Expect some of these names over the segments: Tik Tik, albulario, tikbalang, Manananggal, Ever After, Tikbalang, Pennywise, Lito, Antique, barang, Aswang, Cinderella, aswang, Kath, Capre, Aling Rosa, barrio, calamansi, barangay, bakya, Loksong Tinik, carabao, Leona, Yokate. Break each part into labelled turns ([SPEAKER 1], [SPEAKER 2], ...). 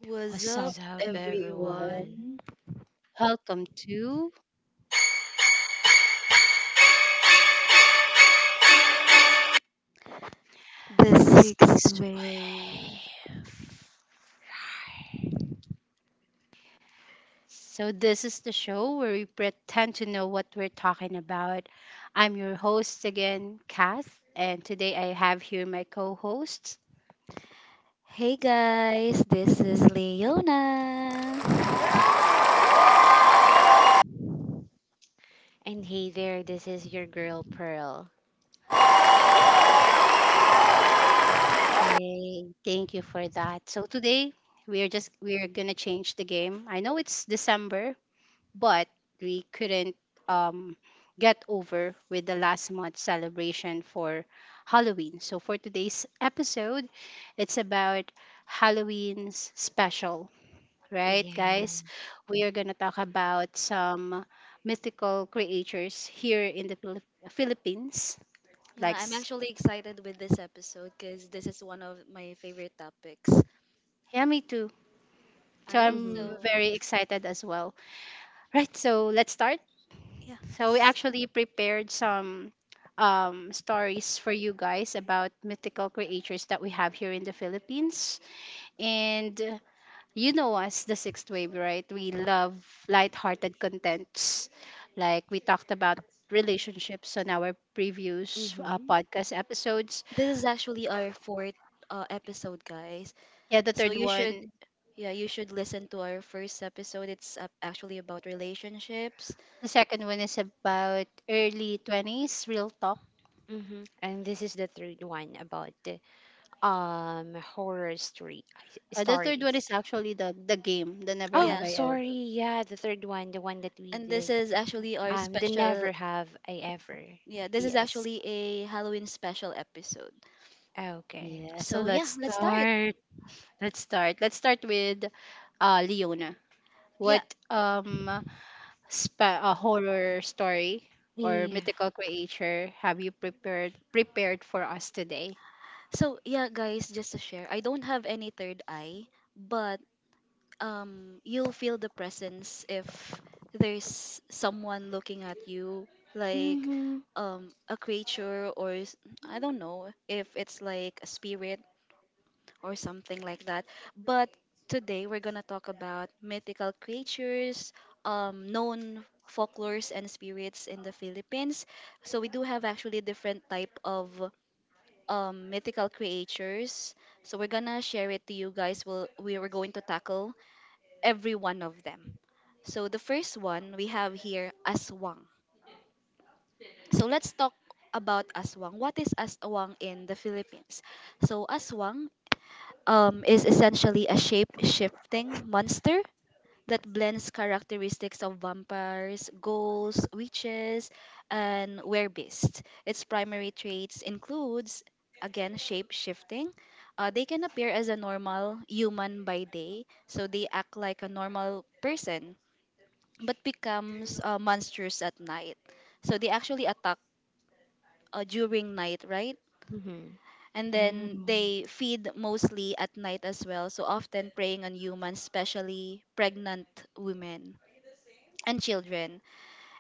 [SPEAKER 1] What's
[SPEAKER 2] What's
[SPEAKER 1] up,
[SPEAKER 3] What's
[SPEAKER 2] up,
[SPEAKER 3] up, everyone?
[SPEAKER 1] everyone?
[SPEAKER 2] everyone? Welcome to.
[SPEAKER 1] The sixth wave.
[SPEAKER 2] So, this is the show where we pretend to know what we're talking about. I'm your host again, Kath, and today I have here my co hosts.
[SPEAKER 1] Hey guys, this is Leona.
[SPEAKER 3] And hey there, this is your girl Pearl.
[SPEAKER 2] Yay! Thank you for that. So, today we are just we're gonna change the game. I know it's December, but we couldn't um, get over with the last month's celebration for Halloween. So, for today's episode, it's about Halloween's special, right, guys?
[SPEAKER 3] Yes.
[SPEAKER 2] We are going to talk about some mythical creatures here in the Philippines.
[SPEAKER 1] Yeah,
[SPEAKER 2] Like,
[SPEAKER 1] I'm
[SPEAKER 2] s-
[SPEAKER 1] actually excited with this episode because this is one of my favorite topics.
[SPEAKER 2] yeah, me too.
[SPEAKER 1] All
[SPEAKER 2] So,
[SPEAKER 1] right,
[SPEAKER 3] Mm-hmm.
[SPEAKER 2] I'm
[SPEAKER 1] so
[SPEAKER 2] very excited as well. Right, so let's start.
[SPEAKER 1] yeah,
[SPEAKER 2] So we
[SPEAKER 1] let's-
[SPEAKER 2] actually prepared some stories for you guys about mythical creatures that we have here in the Philippines. And you know us, the sixth wave, right? We love light-hearted contents. Like we talked about relationships on our previous
[SPEAKER 3] Mm-hmm.
[SPEAKER 2] podcast episodes.
[SPEAKER 1] this is actually our fourth episode, guys.
[SPEAKER 2] Yeah, the
[SPEAKER 1] So
[SPEAKER 2] third one,
[SPEAKER 1] yeah, you should listen to our first episode. It's actually about relationships.
[SPEAKER 2] the second one is about early 20s, real talk.
[SPEAKER 3] Mm-hmm. And this is the third one about the horror story
[SPEAKER 2] The third one
[SPEAKER 3] stories.
[SPEAKER 2] is actually the game, the Never
[SPEAKER 3] Oh,
[SPEAKER 2] Have
[SPEAKER 1] Yeah.
[SPEAKER 2] I Ever.
[SPEAKER 3] sorry. Yeah, the third one, the one that we
[SPEAKER 1] And this
[SPEAKER 3] did.
[SPEAKER 1] is actually our
[SPEAKER 3] The
[SPEAKER 1] special,
[SPEAKER 3] never have I ever.
[SPEAKER 1] yeah, this is
[SPEAKER 2] Yes.
[SPEAKER 1] actually a Halloween special episode.
[SPEAKER 3] Ah, okay.
[SPEAKER 2] Yeah, so
[SPEAKER 1] So, yeah,
[SPEAKER 2] let's
[SPEAKER 1] let's start.
[SPEAKER 2] start. Let's start. Let's start with Leona.
[SPEAKER 1] Yeah.
[SPEAKER 2] What um a horror story or
[SPEAKER 3] Yeah.
[SPEAKER 2] mythical creature have you prepared for us today?
[SPEAKER 1] So, yeah, guys, just to share, I don't have any third eye, but you'll feel the presence if there's someone looking at you like
[SPEAKER 3] Mhm.
[SPEAKER 1] a creature or I don't know if it's like a spirit or something like that, but today we're going to talk about mythical creatures, known folklores and spirits in the Philippines. So we do have actually different type of mythical creatures, so we're gonna share it to you guys. We are going to tackle every one of them. So the first one we have here aswang. So let's talk about aswang. What is aswang in the Philippines? So aswang is essentially a shape-shifting monster that blends characteristics of vampires, ghouls, witches, and werewolves. Its primary traits includes again shape shifting. They can appear as a normal human by day, so they act like a normal person but becomes monsters at night. So they actually attack during night, right?
[SPEAKER 3] Mhm.
[SPEAKER 1] And then they feed mostly at night as well, so often preying on humans, especially pregnant women and children.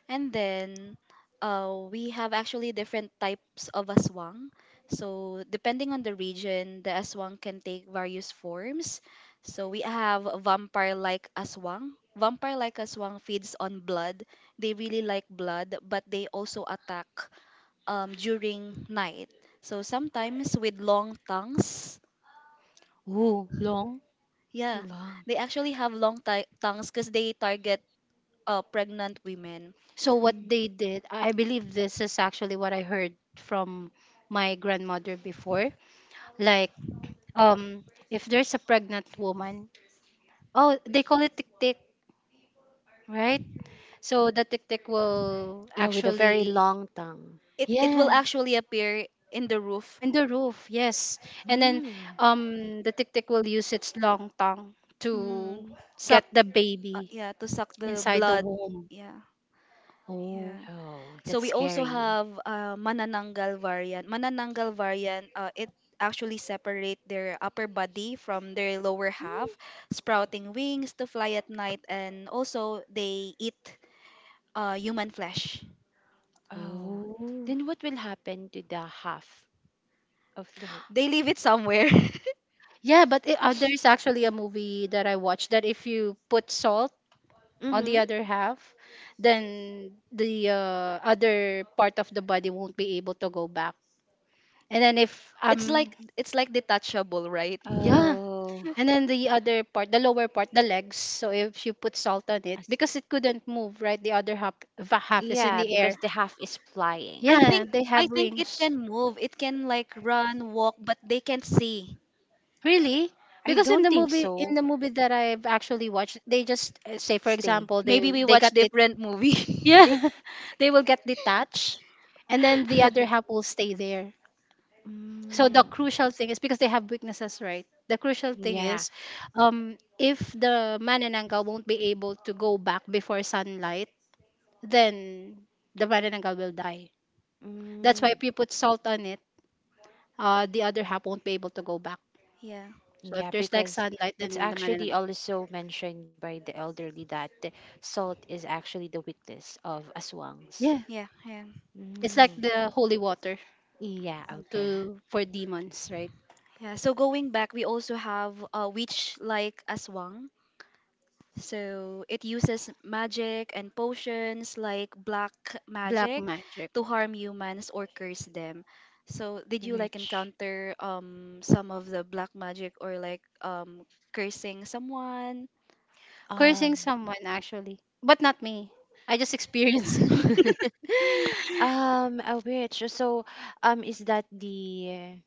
[SPEAKER 1] And then we have actually different types of aswang. So depending on the region, the aswang can take various forms. So we have vampire-like aswang. Vampire-like aswang feeds on blood. They really like blood, but they also attack during night. So sometimes with long tongues,
[SPEAKER 2] Ooh, long.
[SPEAKER 1] yeah,
[SPEAKER 3] Long.
[SPEAKER 1] they actually have long tongues because they target pregnant women.
[SPEAKER 2] So what
[SPEAKER 3] Mm.
[SPEAKER 2] they did, I believe this is actually what I heard from my grandmother before. Like um if there's a pregnant woman, oh, they call it tick tick, right? So the tick tick will
[SPEAKER 3] Yeah, with a very
[SPEAKER 2] actually,
[SPEAKER 3] long tongue.
[SPEAKER 1] It will
[SPEAKER 2] yeah,
[SPEAKER 1] actually appear in the roof.
[SPEAKER 2] in the roof, yes, and then,
[SPEAKER 3] Mm.
[SPEAKER 2] the tick tick will use its long tongue to
[SPEAKER 1] Mm, suck,
[SPEAKER 2] get the baby
[SPEAKER 1] yeah, to suck the
[SPEAKER 2] inside the
[SPEAKER 1] blood.
[SPEAKER 2] womb.
[SPEAKER 1] Yeah,
[SPEAKER 2] Oh.
[SPEAKER 1] yeah.
[SPEAKER 3] Oh,
[SPEAKER 1] So
[SPEAKER 3] that's
[SPEAKER 1] we also
[SPEAKER 3] scary.
[SPEAKER 1] have Manananggal variant. Manananggal variant, it actually separate their upper body from their lower
[SPEAKER 3] Mm.
[SPEAKER 1] half, sprouting wings to fly at night, and also they eat human flesh.
[SPEAKER 3] Oh.
[SPEAKER 2] Oh
[SPEAKER 3] Then what will happen to the half of the?
[SPEAKER 1] They leave it somewhere.
[SPEAKER 2] yeah, but there's actually a movie that I watched that if you put salt on the
[SPEAKER 3] Mhm.
[SPEAKER 2] other half, then the other part of the body won't be able to go back. And then if
[SPEAKER 1] It's like detachable, right?
[SPEAKER 2] Yeah,
[SPEAKER 3] Oh.
[SPEAKER 2] and then the other part, the lower part, the legs. So if you put salt on it,
[SPEAKER 3] As-
[SPEAKER 2] because it couldn't move, right? The other half, half is in
[SPEAKER 3] Yeah,
[SPEAKER 2] the
[SPEAKER 3] because
[SPEAKER 2] air.
[SPEAKER 3] the half is flying.
[SPEAKER 1] I
[SPEAKER 2] Yeah,
[SPEAKER 1] think
[SPEAKER 2] they
[SPEAKER 1] I
[SPEAKER 2] have
[SPEAKER 1] think it
[SPEAKER 2] wings.
[SPEAKER 1] can move. It can like run, walk, but they can't see.
[SPEAKER 2] Really?
[SPEAKER 3] I
[SPEAKER 2] Because
[SPEAKER 3] don't think
[SPEAKER 2] in
[SPEAKER 3] so.
[SPEAKER 2] the movie that I've actually watched, they just say, for
[SPEAKER 3] Stay.
[SPEAKER 2] example,
[SPEAKER 1] Maybe we
[SPEAKER 2] they
[SPEAKER 1] watch
[SPEAKER 2] got the,
[SPEAKER 1] different movie.
[SPEAKER 2] yeah, they will get detached, and then the other half will stay there.
[SPEAKER 3] Mm,
[SPEAKER 2] So the crucial thing is because they have weaknesses, right? The crucial thing
[SPEAKER 3] yeah.
[SPEAKER 2] is, if the manananggal won't be able to go back before sunlight, then the manananggal will die.
[SPEAKER 3] Mm,
[SPEAKER 2] That's why if you put salt on it, the other half won't be able to go back.
[SPEAKER 1] yeah,
[SPEAKER 2] So if
[SPEAKER 3] yeah,
[SPEAKER 2] there's like
[SPEAKER 3] because
[SPEAKER 2] sunlight,
[SPEAKER 3] it's
[SPEAKER 2] then the
[SPEAKER 3] actually
[SPEAKER 2] manananggal,
[SPEAKER 3] also mentioned by the elderly that the salt is actually the weakness of aswangs.
[SPEAKER 2] yeah,
[SPEAKER 1] yeah, yeah,
[SPEAKER 2] it's
[SPEAKER 3] Mm,
[SPEAKER 2] like the holy water
[SPEAKER 3] yeah, okay.
[SPEAKER 2] to for demons, right?
[SPEAKER 1] yeah. So going back, we also have a witch like Aswang. So it uses magic and potions like black
[SPEAKER 2] Black
[SPEAKER 1] magic
[SPEAKER 2] magic.
[SPEAKER 1] to harm humans or curse them. So did you like
[SPEAKER 3] Which?
[SPEAKER 1] encounter some of the black magic or like cursing someone?
[SPEAKER 3] Um,
[SPEAKER 2] Cursing someone, actually, but not me. I just experienced it.
[SPEAKER 3] a witch. Is that the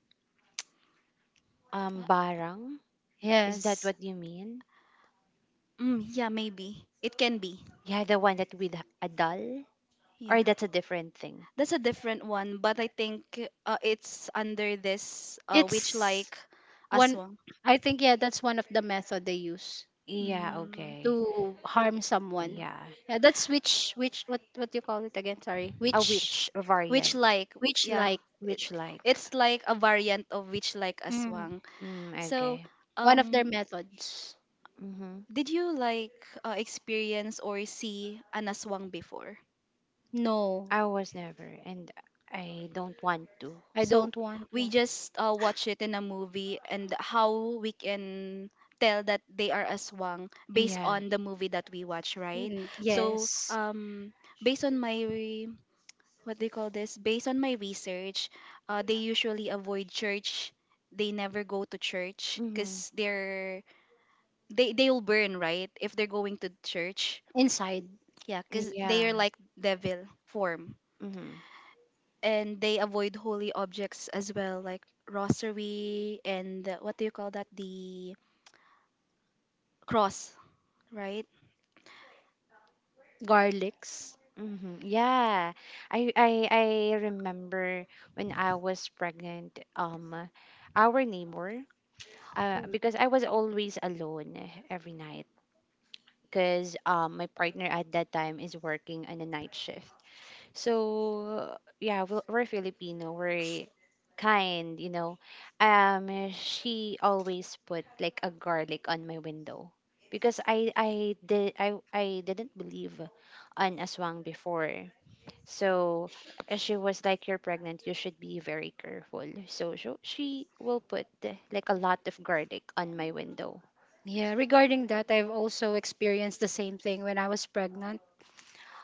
[SPEAKER 3] barang? Is that
[SPEAKER 2] Yes,
[SPEAKER 3] what you mean?
[SPEAKER 1] Mm, yeah, maybe. It can be.
[SPEAKER 3] Yeah, the one that with a doll, or
[SPEAKER 1] Yeah.
[SPEAKER 3] that's a different thing.
[SPEAKER 1] That's a different one, but I think it's under this witch
[SPEAKER 2] it's
[SPEAKER 1] like as
[SPEAKER 2] one.
[SPEAKER 1] well.
[SPEAKER 2] I think, yeah, that's one of the method they use
[SPEAKER 3] Yeah.
[SPEAKER 1] Mm,
[SPEAKER 3] Okay.
[SPEAKER 2] to harm someone.
[SPEAKER 3] Yeah,
[SPEAKER 2] Yeah, that's which what do you call it again? Sorry,
[SPEAKER 3] a witch
[SPEAKER 1] witch
[SPEAKER 3] variant,
[SPEAKER 1] like,
[SPEAKER 2] which
[SPEAKER 1] yeah.
[SPEAKER 2] like.
[SPEAKER 1] I-
[SPEAKER 3] witch like.
[SPEAKER 1] It's like a variant of witch like
[SPEAKER 2] Mm,
[SPEAKER 1] aswang.
[SPEAKER 3] Mm,
[SPEAKER 1] So,
[SPEAKER 3] okay.
[SPEAKER 2] one of their
[SPEAKER 1] um,
[SPEAKER 2] methods.
[SPEAKER 3] Mm-hmm.
[SPEAKER 1] did you like experience or see an aswang before?
[SPEAKER 2] No,
[SPEAKER 3] I was never, and I don't want to.
[SPEAKER 2] I
[SPEAKER 1] So
[SPEAKER 2] don't want
[SPEAKER 1] we
[SPEAKER 2] to.
[SPEAKER 1] just watch it in a movie and how we can tell that they are aswang based
[SPEAKER 3] Yeah.
[SPEAKER 1] on the movie that we watch, right?
[SPEAKER 2] Mm,
[SPEAKER 1] So
[SPEAKER 2] yes,
[SPEAKER 1] based on my re- what do you call this based on my research, they usually avoid church. They never go to church
[SPEAKER 3] Mm-hmm.
[SPEAKER 1] because they're they'll burn, right? If they're going to church,
[SPEAKER 2] inside,
[SPEAKER 1] yeah, because they
[SPEAKER 3] Yeah.
[SPEAKER 1] are like devil form.
[SPEAKER 3] Mm-hmm.
[SPEAKER 1] And they avoid holy objects as well, like rosary and what do you call that? The cross, right?
[SPEAKER 2] garlics.
[SPEAKER 3] Mm-hmm. Yeah. I remember when I was pregnant, our neighbor, because I was always alone every night because my partner at that time is working on a night shift. So yeah, we're Filipino. We're kind, you know. She always put like a garlic on my window because I didn't believe on aswang before. So she was like, "You're pregnant. You should be very careful." So she will put like a lot of garlic on my window.
[SPEAKER 2] Yeah, regarding that, I've also experienced the same thing when I was pregnant.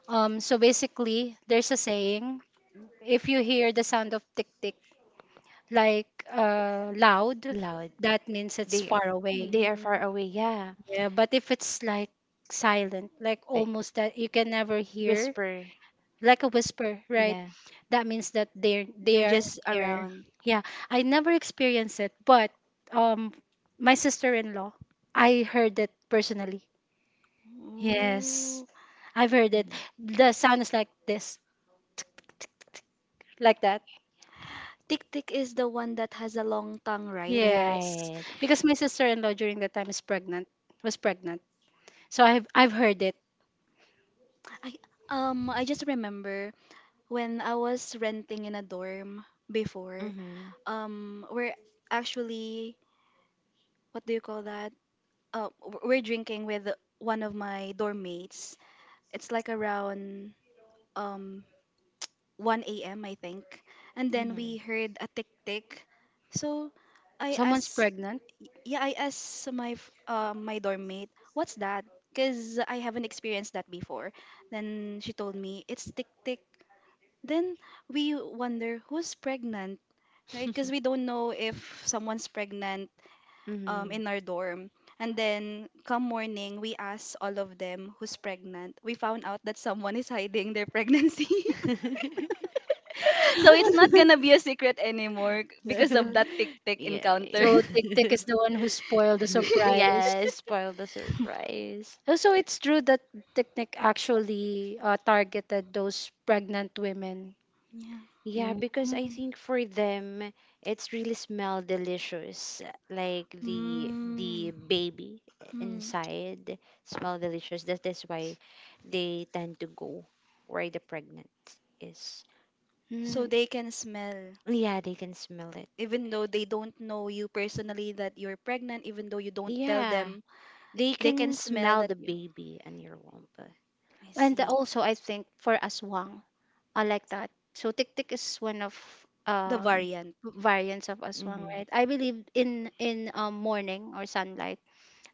[SPEAKER 2] So basically, there's a saying. If you hear the sound of tick tick loud,
[SPEAKER 3] Loud.
[SPEAKER 2] that means it's
[SPEAKER 3] They
[SPEAKER 2] far away.
[SPEAKER 3] they are
[SPEAKER 1] Mm,
[SPEAKER 3] far away. Yeah.
[SPEAKER 2] Yeah, but if it's like silent, like
[SPEAKER 3] Like
[SPEAKER 2] almost that you can never hear,
[SPEAKER 3] whisper.
[SPEAKER 2] like a whisper, right?
[SPEAKER 3] Yeah.
[SPEAKER 2] That means that
[SPEAKER 1] they're
[SPEAKER 2] they're
[SPEAKER 1] just
[SPEAKER 2] near.
[SPEAKER 1] around.
[SPEAKER 2] Yeah, I never experienced it, but um, my sister-in-law, I heard it personally. Yes,
[SPEAKER 1] Ooh.
[SPEAKER 2] I've heard it.
[SPEAKER 3] Mhm.
[SPEAKER 2] The sound is like this, like that.
[SPEAKER 1] Tick tick is the one that has a long tongue, right?
[SPEAKER 2] Yes,
[SPEAKER 3] Right.
[SPEAKER 2] because my sister-in-law during that time is pregnant, was pregnant. So I've heard it.
[SPEAKER 1] I I just remember when I was renting in a dorm before,
[SPEAKER 3] Mm-hmm.
[SPEAKER 1] um, we're actually what do you call that? We're drinking with one of my dorm mates. It's like around um 1 a.m. I think, and then
[SPEAKER 3] Mm-hmm.
[SPEAKER 1] we heard a tick tick. So I
[SPEAKER 2] Someone's
[SPEAKER 1] asked,
[SPEAKER 2] pregnant.
[SPEAKER 1] yeah, I asked my dorm mate, what's that? Because I haven't experienced that before. Then she told me it's tick tick. Then we wonder who's pregnant, right? Because we don't know if someone's pregnant
[SPEAKER 3] Mm-hmm.
[SPEAKER 1] in our dorm. And then, come morning, we asked all of them who's pregnant. We found out that someone is hiding their pregnancy. So it's not gonna be a secret anymore because of
[SPEAKER 2] Mm.
[SPEAKER 1] that tick tick
[SPEAKER 3] Yeah.
[SPEAKER 1] encounter.
[SPEAKER 2] So Tik Tik is the one who spoiled the surprise.
[SPEAKER 3] Yeah, spoil the surprise.
[SPEAKER 2] Also, it's true that Tik Tik actually targeted those pregnant women.
[SPEAKER 1] Yeah.
[SPEAKER 3] Yeah,
[SPEAKER 2] Mm.
[SPEAKER 3] because I think for them it's really smell delicious. Like
[SPEAKER 1] Mm.
[SPEAKER 3] the baby
[SPEAKER 1] Mm.
[SPEAKER 3] inside smell delicious. That is why they tend to go where the pregnant is.
[SPEAKER 1] So
[SPEAKER 2] Mm.
[SPEAKER 1] they can smell,
[SPEAKER 3] Yeah, they can smell it.
[SPEAKER 1] even though they don't know you personally that you're pregnant, even though you don't tell
[SPEAKER 3] Yeah,
[SPEAKER 1] them,
[SPEAKER 3] they
[SPEAKER 1] they can
[SPEAKER 3] can
[SPEAKER 1] smell
[SPEAKER 3] smell
[SPEAKER 1] that
[SPEAKER 3] the
[SPEAKER 1] you.
[SPEAKER 3] baby in your womb.
[SPEAKER 1] I
[SPEAKER 2] And
[SPEAKER 1] see.
[SPEAKER 2] also, I think for Aswang, I like that. So tiktik is one of
[SPEAKER 1] The
[SPEAKER 2] um
[SPEAKER 1] variant.
[SPEAKER 2] variants of aswang,
[SPEAKER 3] Mm-hmm.
[SPEAKER 2] right? I believe in morning or sunlight,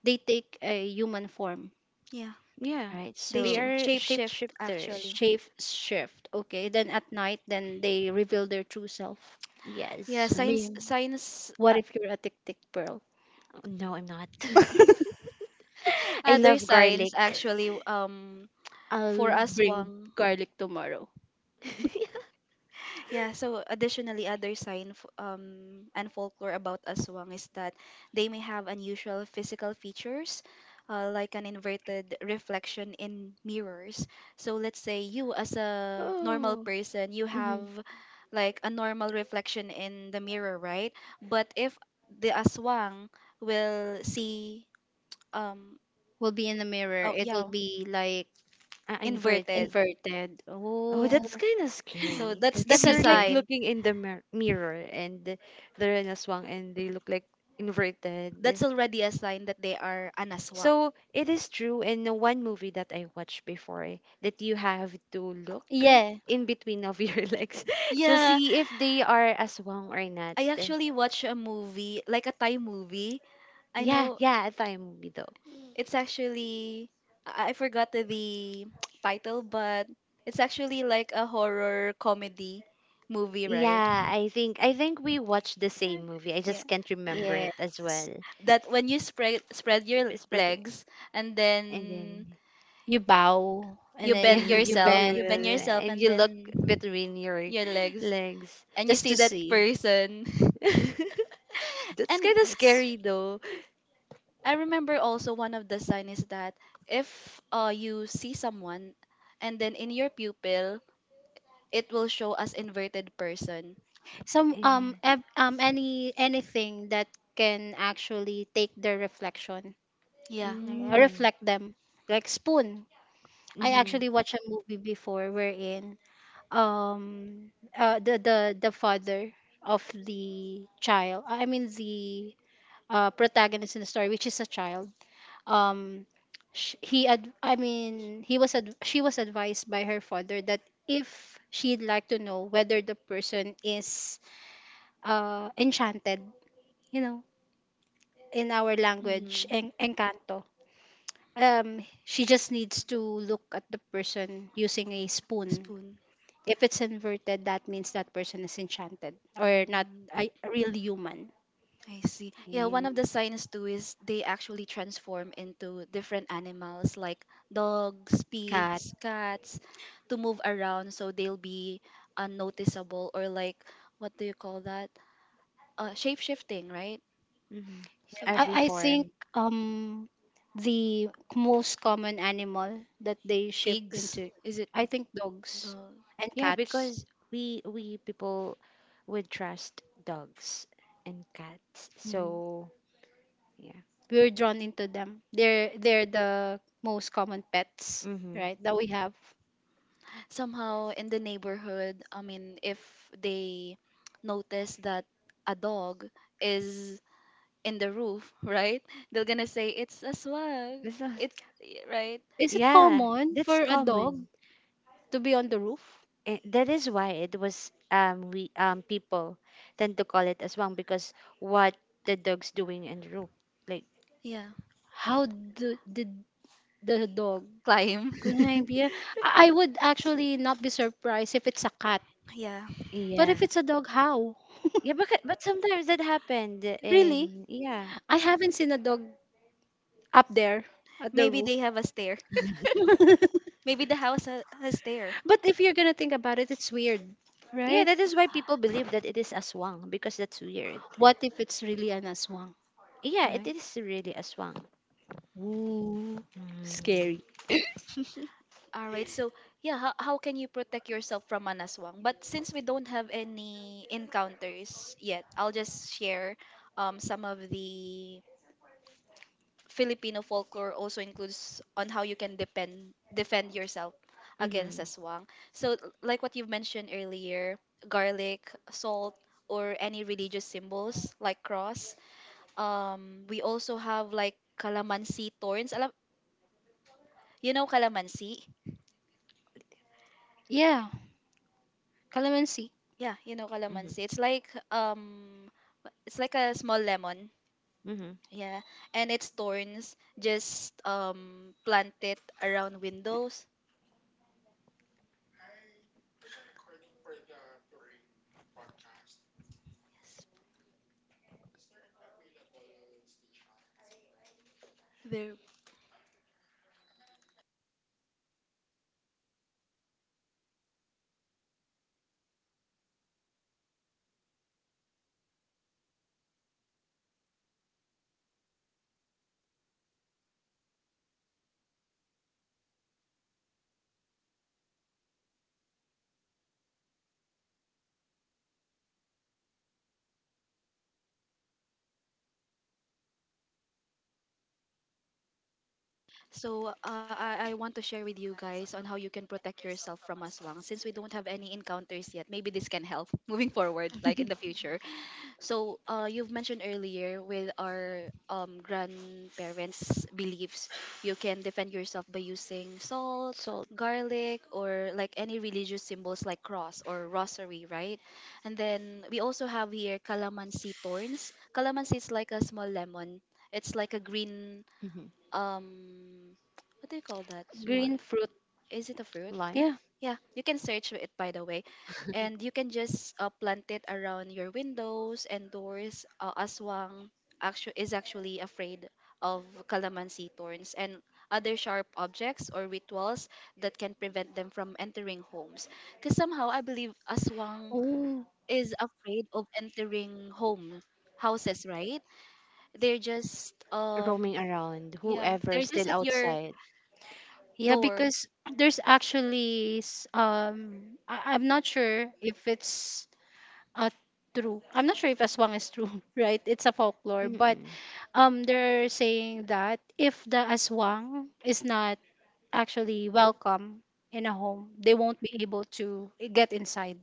[SPEAKER 2] they take a human form,
[SPEAKER 1] Yeah.
[SPEAKER 3] Yeah,
[SPEAKER 2] right?
[SPEAKER 1] They
[SPEAKER 3] they
[SPEAKER 2] So
[SPEAKER 3] are
[SPEAKER 1] shape shift
[SPEAKER 3] shapeshifter.
[SPEAKER 1] actually.
[SPEAKER 2] shape shift. Okay, then at night, then they reveal their true self.
[SPEAKER 1] Yeah,
[SPEAKER 3] Yes.
[SPEAKER 2] I
[SPEAKER 1] signs
[SPEAKER 2] mean,
[SPEAKER 1] signs
[SPEAKER 2] what if you're a tiktik, Pearl?
[SPEAKER 3] No, I'm not. I
[SPEAKER 1] other
[SPEAKER 3] love garlic.
[SPEAKER 1] signs actually for
[SPEAKER 2] I'll
[SPEAKER 1] us
[SPEAKER 2] bring
[SPEAKER 1] Wang.
[SPEAKER 2] garlic tomorrow.
[SPEAKER 1] Yeah, so additionally, other sign and folklore about aswang is that they may have unusual physical features, like an inverted reflection in mirrors. So let's say you, as a normal
[SPEAKER 3] Oh.
[SPEAKER 1] person, you
[SPEAKER 3] Mm-hmm.
[SPEAKER 1] have like a normal reflection in the mirror, right? But if the aswang will see, um,
[SPEAKER 2] Will be in the mirror.
[SPEAKER 1] oh
[SPEAKER 2] It will
[SPEAKER 1] yeah,
[SPEAKER 2] be like
[SPEAKER 3] Inverted.
[SPEAKER 1] inverted.
[SPEAKER 2] inverted.
[SPEAKER 3] Oh,
[SPEAKER 2] Oh.
[SPEAKER 1] Yeah.
[SPEAKER 3] that's kind of
[SPEAKER 1] So
[SPEAKER 3] scary. If
[SPEAKER 1] that's a
[SPEAKER 3] you're
[SPEAKER 2] Zipper.
[SPEAKER 3] like
[SPEAKER 1] sign.
[SPEAKER 3] looking in the mirror and they're in a swang and they look like
[SPEAKER 1] That's
[SPEAKER 3] inverted.
[SPEAKER 1] already a sign that they are anaswang.
[SPEAKER 3] So it is true in the one movie that I watched before that you have to look
[SPEAKER 2] Yeah.
[SPEAKER 3] in between of your legs to
[SPEAKER 1] Yeah,
[SPEAKER 3] see if they are as swang or not.
[SPEAKER 1] I actually watched a movie, like a Thai movie. I
[SPEAKER 3] Yeah,
[SPEAKER 1] know
[SPEAKER 3] yeah, I thought movie though.
[SPEAKER 1] it's actually I forgot the title, but it's actually like a horror comedy movie, right?
[SPEAKER 3] Yeah, I think we watched the same movie. I
[SPEAKER 1] Yeah.
[SPEAKER 3] just can't remember
[SPEAKER 2] Yeah.
[SPEAKER 3] it as well.
[SPEAKER 1] That when you spread your
[SPEAKER 3] It's pretty,
[SPEAKER 1] legs and
[SPEAKER 3] and
[SPEAKER 1] then
[SPEAKER 3] then
[SPEAKER 2] You bow and
[SPEAKER 3] Yeah,
[SPEAKER 2] then you
[SPEAKER 3] but you're,
[SPEAKER 1] you
[SPEAKER 2] bend
[SPEAKER 1] bend yourself
[SPEAKER 3] and
[SPEAKER 1] and
[SPEAKER 3] you look
[SPEAKER 1] then
[SPEAKER 3] between your
[SPEAKER 1] your legs
[SPEAKER 3] legs.
[SPEAKER 1] and you
[SPEAKER 2] just
[SPEAKER 1] see
[SPEAKER 2] to
[SPEAKER 1] that
[SPEAKER 2] see.
[SPEAKER 1] person
[SPEAKER 3] That's
[SPEAKER 1] and
[SPEAKER 3] kind of scary though.
[SPEAKER 1] I remember also one of the sign is that if you see someone and then in your pupil it will show as inverted person,
[SPEAKER 2] Some
[SPEAKER 3] Yeah.
[SPEAKER 2] any anything that can actually take their reflection,
[SPEAKER 1] yeah.
[SPEAKER 2] like,
[SPEAKER 3] Mm.
[SPEAKER 2] reflect them, like spoon. I
[SPEAKER 3] Mm-hmm.
[SPEAKER 2] actually
[SPEAKER 1] Mm.
[SPEAKER 2] watched a movie before wherein um the the father of the child, I mean the protagonist in the story, which is a child, um sh- he ad- I mean he was ad- she was advised by her father that if she'd like to know whether the person is enchanted, you know, in our
[SPEAKER 1] Mm.
[SPEAKER 2] language, encanto, she just needs to look at the person using a spoon.
[SPEAKER 1] Spoon.
[SPEAKER 2] If it's inverted, that means that person is enchanted or not
[SPEAKER 1] Mm,
[SPEAKER 2] a real human.
[SPEAKER 1] I see. Yeah, one of the signs too is they actually transform into different animals like dogs, pigs, cats to move around so they'll be unnoticeable or like what do you call that? Uh, shape shifting, right?
[SPEAKER 3] Mm-hmm.
[SPEAKER 1] So
[SPEAKER 3] Every
[SPEAKER 2] I think
[SPEAKER 3] form.
[SPEAKER 2] um the most common animal that they ship
[SPEAKER 1] pigs.
[SPEAKER 2] into,
[SPEAKER 1] Is it
[SPEAKER 2] I think dogs
[SPEAKER 1] dog?
[SPEAKER 2] and
[SPEAKER 3] Yeah,
[SPEAKER 2] cats.
[SPEAKER 3] because we people would trust dogs and cats.
[SPEAKER 2] Mm.
[SPEAKER 3] So yeah.
[SPEAKER 2] We're drawn into them. They're the most common pets,
[SPEAKER 3] Mm-hmm.
[SPEAKER 2] right, that we have.
[SPEAKER 1] Somehow in the neighborhood, I mean if they notice that a dog is in the roof, right? They're gonna say it's a swag.
[SPEAKER 3] It's not,
[SPEAKER 1] It's yeah, right.
[SPEAKER 2] Is it
[SPEAKER 3] yeah,
[SPEAKER 2] common
[SPEAKER 3] that's
[SPEAKER 2] for a dog
[SPEAKER 3] common.
[SPEAKER 2] to be on the roof?
[SPEAKER 3] Eh, that is why it was we people tend to call it aswang because what the dog's doing in the room. Like
[SPEAKER 1] Yeah,
[SPEAKER 2] How do, did the dog
[SPEAKER 1] climb.
[SPEAKER 2] climb? Yeah, I would actually not be surprised if it's a cat.
[SPEAKER 1] Yeah,
[SPEAKER 2] But
[SPEAKER 3] yeah.
[SPEAKER 2] if it's a dog, how?
[SPEAKER 3] Yeah, but sometimes that happened
[SPEAKER 2] Really?
[SPEAKER 3] and yeah.
[SPEAKER 2] I haven't seen a dog up there at the
[SPEAKER 1] maybe
[SPEAKER 2] roof.
[SPEAKER 1] they have a stair. Maybe the house has stair.
[SPEAKER 2] But if you're gonna think about it, it's weird,
[SPEAKER 3] Yeah,
[SPEAKER 2] right?
[SPEAKER 3] that is why people believe that it is aswang because that's weird.
[SPEAKER 2] What if it's really an aswang,
[SPEAKER 3] Yeah, it
[SPEAKER 2] right?
[SPEAKER 3] is really aswang.
[SPEAKER 2] Ooh,
[SPEAKER 3] Mm.
[SPEAKER 2] scary.
[SPEAKER 1] All right. So yeah, how can you protect yourself from an aswang? But since we don't have any encounters yet, I'll just share some of the Filipino folklore also includes on how you can depend defend yourself against
[SPEAKER 3] Mm-hmm.
[SPEAKER 1] aswang. So like what you've mentioned earlier, garlic, salt, or any religious symbols like cross. We also have like calamansi thorns. Alam, you know calamansi?
[SPEAKER 2] Yeah, calamansi,
[SPEAKER 1] Yeah, you know
[SPEAKER 3] Mm-hmm.
[SPEAKER 1] calamansi.
[SPEAKER 3] Mm-hmm.
[SPEAKER 1] It's like a small lemon.
[SPEAKER 3] Mm-hmm.
[SPEAKER 1] Yeah, and its thorns just plant it around windows. Yes, very. So I want to share with you guys on how you can protect yourself from aswang. Since we don't have any encounters yet, maybe this can help moving forward, like in the future. So you've mentioned earlier with our grandparents' beliefs, you can defend yourself by using salt,
[SPEAKER 3] Salt.
[SPEAKER 1] garlic, or like any religious symbols like cross or rosary, right? And then we also have here calamansi thorns. Calamansi is like a small lemon. It's like a green
[SPEAKER 3] Hmm.
[SPEAKER 1] um what do you call that,
[SPEAKER 3] Small.
[SPEAKER 2] green fruit.
[SPEAKER 1] is it a fruit?
[SPEAKER 3] Lime.
[SPEAKER 2] Yeah.
[SPEAKER 1] Yeah, you can search it by the way. And you can just plant it around your windows and doors. Uh, aswang is actually afraid of calamansi thorns and other sharp objects or rituals that can prevent them from entering homes, because somehow I believe aswang
[SPEAKER 2] Oh,
[SPEAKER 1] is afraid of entering home houses, right? They're just
[SPEAKER 3] Roaming around.
[SPEAKER 1] yeah
[SPEAKER 3] Whoever is
[SPEAKER 1] they're just
[SPEAKER 3] still
[SPEAKER 1] at your
[SPEAKER 3] outside.
[SPEAKER 2] yeah,
[SPEAKER 1] door.
[SPEAKER 2] because there's actually I'm not sure if it's uh true. I'm not sure if aswang is true, right? It's a folklore, but
[SPEAKER 3] Mm-mm.
[SPEAKER 2] they're saying that if the aswang is not actually welcome in a home, they won't be able to get inside.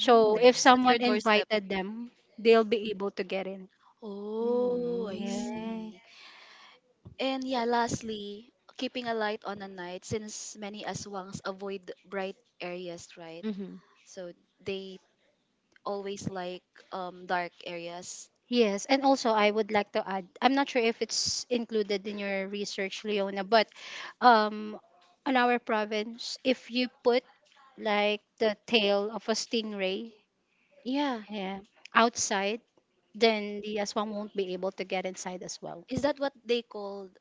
[SPEAKER 1] It's
[SPEAKER 2] if
[SPEAKER 1] at your
[SPEAKER 2] someone
[SPEAKER 1] doorstep.
[SPEAKER 2] invited them, they'll be able to get in,
[SPEAKER 1] Oh, I
[SPEAKER 3] Mm.
[SPEAKER 2] yeah.
[SPEAKER 1] see. And yeah, lastly, keeping a light on at night since many aswangs avoid bright areas, right?
[SPEAKER 3] Mm-hmm.
[SPEAKER 1] So they always like dark areas.
[SPEAKER 2] Yes, and also I would like to add, I'm not sure if it's included in your research, Leona, but um on our province, if you put like the tail of a stingray,
[SPEAKER 3] Yeah.
[SPEAKER 2] yeah, outside, then the aswang won't be able to get inside as well.
[SPEAKER 1] Is that what they called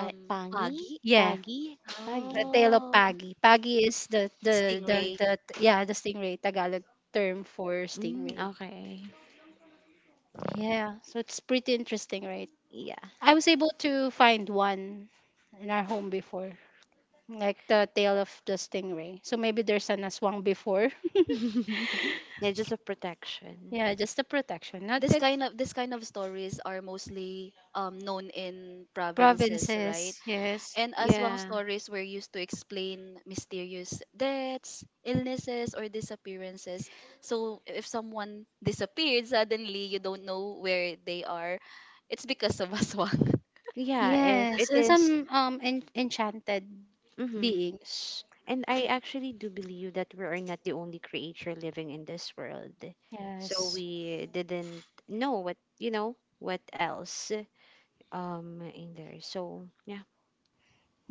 [SPEAKER 3] Pangi?
[SPEAKER 1] pagi?
[SPEAKER 2] Yeah,
[SPEAKER 3] Pagi? Pagi?
[SPEAKER 2] the tail of
[SPEAKER 1] Oh,
[SPEAKER 2] pagi. Pagi is
[SPEAKER 1] stingray.
[SPEAKER 2] the, yeah, the stingray, Tagalog term for
[SPEAKER 3] Mm,
[SPEAKER 2] stingray.
[SPEAKER 3] okay.
[SPEAKER 2] Yeah, so it's pretty interesting, right?
[SPEAKER 3] Yeah.
[SPEAKER 2] I was able to find one in our home before, like the tail of the stingray. So maybe there's an aswang before.
[SPEAKER 3] Yeah, just a protection.
[SPEAKER 2] Yeah, just the protection. Not it,
[SPEAKER 1] This kind of stories are mostly known in provinces, right?
[SPEAKER 2] provinces. Yes.
[SPEAKER 1] And aswang
[SPEAKER 3] Yeah.
[SPEAKER 1] stories were used to explain mysterious deaths, illnesses, or disappearances. So if someone disappeared suddenly, you don't know where they are. It's because of aswang.
[SPEAKER 3] Yeah, if
[SPEAKER 2] Yes,
[SPEAKER 3] it
[SPEAKER 2] and
[SPEAKER 3] is-
[SPEAKER 2] some enchanted
[SPEAKER 3] mhm.
[SPEAKER 2] beings.
[SPEAKER 3] And I actually do believe that we are not the only creature living in this world. So
[SPEAKER 2] Yes.
[SPEAKER 3] we didn't know what, you know, what else in there. So, yeah.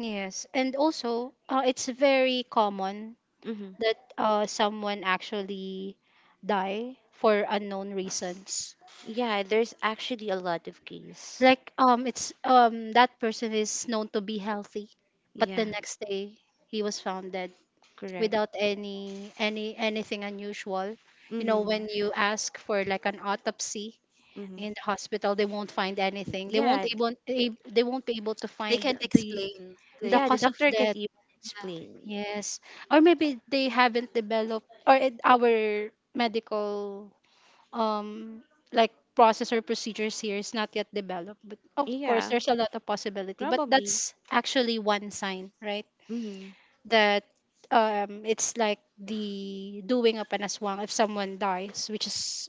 [SPEAKER 2] Yes, and also it's very common
[SPEAKER 3] Hmm.
[SPEAKER 2] that someone actually die for unknown reasons.
[SPEAKER 3] Yeah, there's actually a lot of case.
[SPEAKER 2] Like it's That person is known to be healthy, but the
[SPEAKER 3] Yeah,
[SPEAKER 2] next day he was found dead
[SPEAKER 3] correct.
[SPEAKER 2] without anything unusual. You know,
[SPEAKER 3] Mm-hmm.
[SPEAKER 2] when you ask for like an autopsy,
[SPEAKER 3] Mm-hmm.
[SPEAKER 2] in the hospital they won't find anything,
[SPEAKER 3] Yeah,
[SPEAKER 2] they won't be able to
[SPEAKER 1] They
[SPEAKER 2] find
[SPEAKER 1] can't
[SPEAKER 2] the
[SPEAKER 1] explain.
[SPEAKER 2] the
[SPEAKER 1] They
[SPEAKER 3] yeah, the
[SPEAKER 2] cause of
[SPEAKER 3] doctor can't
[SPEAKER 2] death.
[SPEAKER 3] even explain.
[SPEAKER 2] Yes, or maybe they haven't developed, or our medical um like process or procedures here is not yet developed. But of course
[SPEAKER 3] Yeah,
[SPEAKER 2] there's a lot of possibility, but
[SPEAKER 3] probably.
[SPEAKER 2] that's actually one sign, right,
[SPEAKER 3] Mm-hmm.
[SPEAKER 2] that it's like the doing up an aswang if someone dies, which is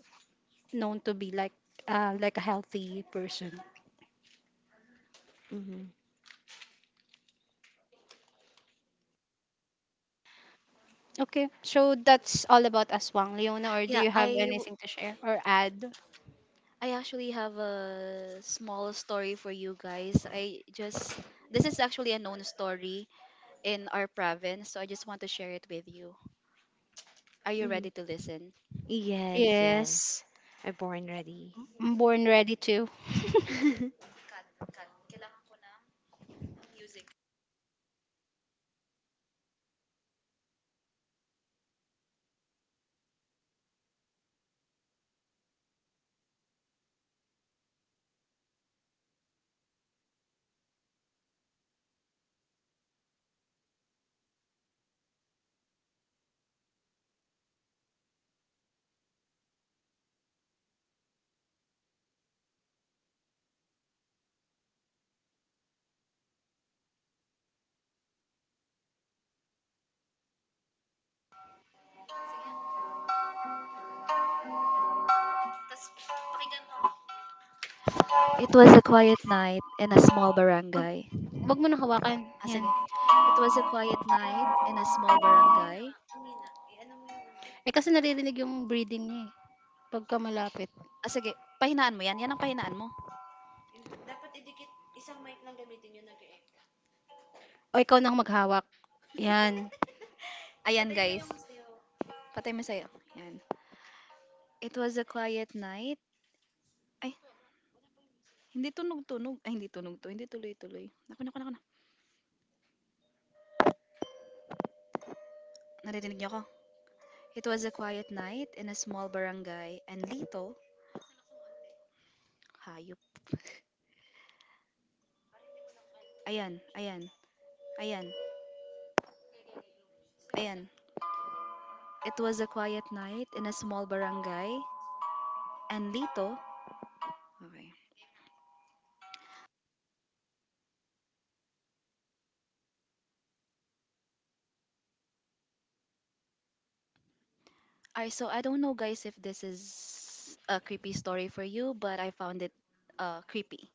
[SPEAKER 2] known to be like a healthy person.
[SPEAKER 3] Mm-hmm.
[SPEAKER 2] Okay, so that's all about Aswang. Leona, or do
[SPEAKER 1] Yeah,
[SPEAKER 2] you have anything to share or add?
[SPEAKER 1] I actually have a small story for you guys. I just this is actually a known story in our province, so I just want to share it with you. Are you
[SPEAKER 3] Mm-hmm.
[SPEAKER 1] ready to listen?
[SPEAKER 3] Yes, yes.
[SPEAKER 2] Yes.
[SPEAKER 3] I'm born ready.
[SPEAKER 2] I'm born ready to.
[SPEAKER 1] It was a quiet night in a small
[SPEAKER 2] Wag,
[SPEAKER 1] barangay.
[SPEAKER 2] wag mo na hawakan.
[SPEAKER 1] Ah,
[SPEAKER 2] Yan.
[SPEAKER 1] sige. It was a quiet night in a small barangay.
[SPEAKER 2] Eh kasi naririnig yung breathing niya eh. Pagka malapit.
[SPEAKER 1] Ah, sige. Pahinaan mo yan. Yan ang pahinaan mo.
[SPEAKER 2] O ikaw na ang maghawak. Yan.
[SPEAKER 1] Ayan, guys. Patay mo sa'yo. Yan. It was a quiet night. Ay, hindi tunog-tunog. Ay, hindi tunog to. Hindi tuloy-tuloy. Naku, naku, naku, na. Naririnig niyo ako. It was a quiet night in a small barangay. And Lito, hayop. Ayan, ayan, ayan, ayan. It was a quiet night in a small barangay. And Lito, okay. I so I don't know guys if this is a creepy story for you, but I found it creepy.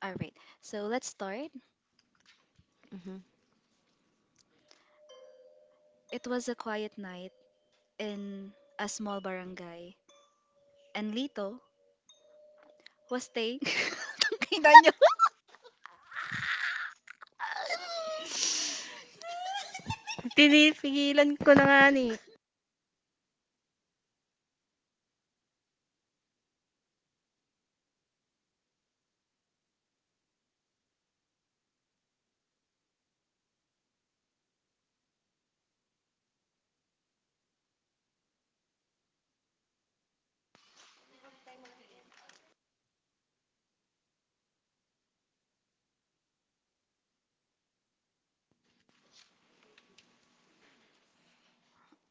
[SPEAKER 1] All right. So let's start.
[SPEAKER 3] Mm-hmm.
[SPEAKER 1] It was a quiet night in a small barangay and Lito was staying Tangina niyo.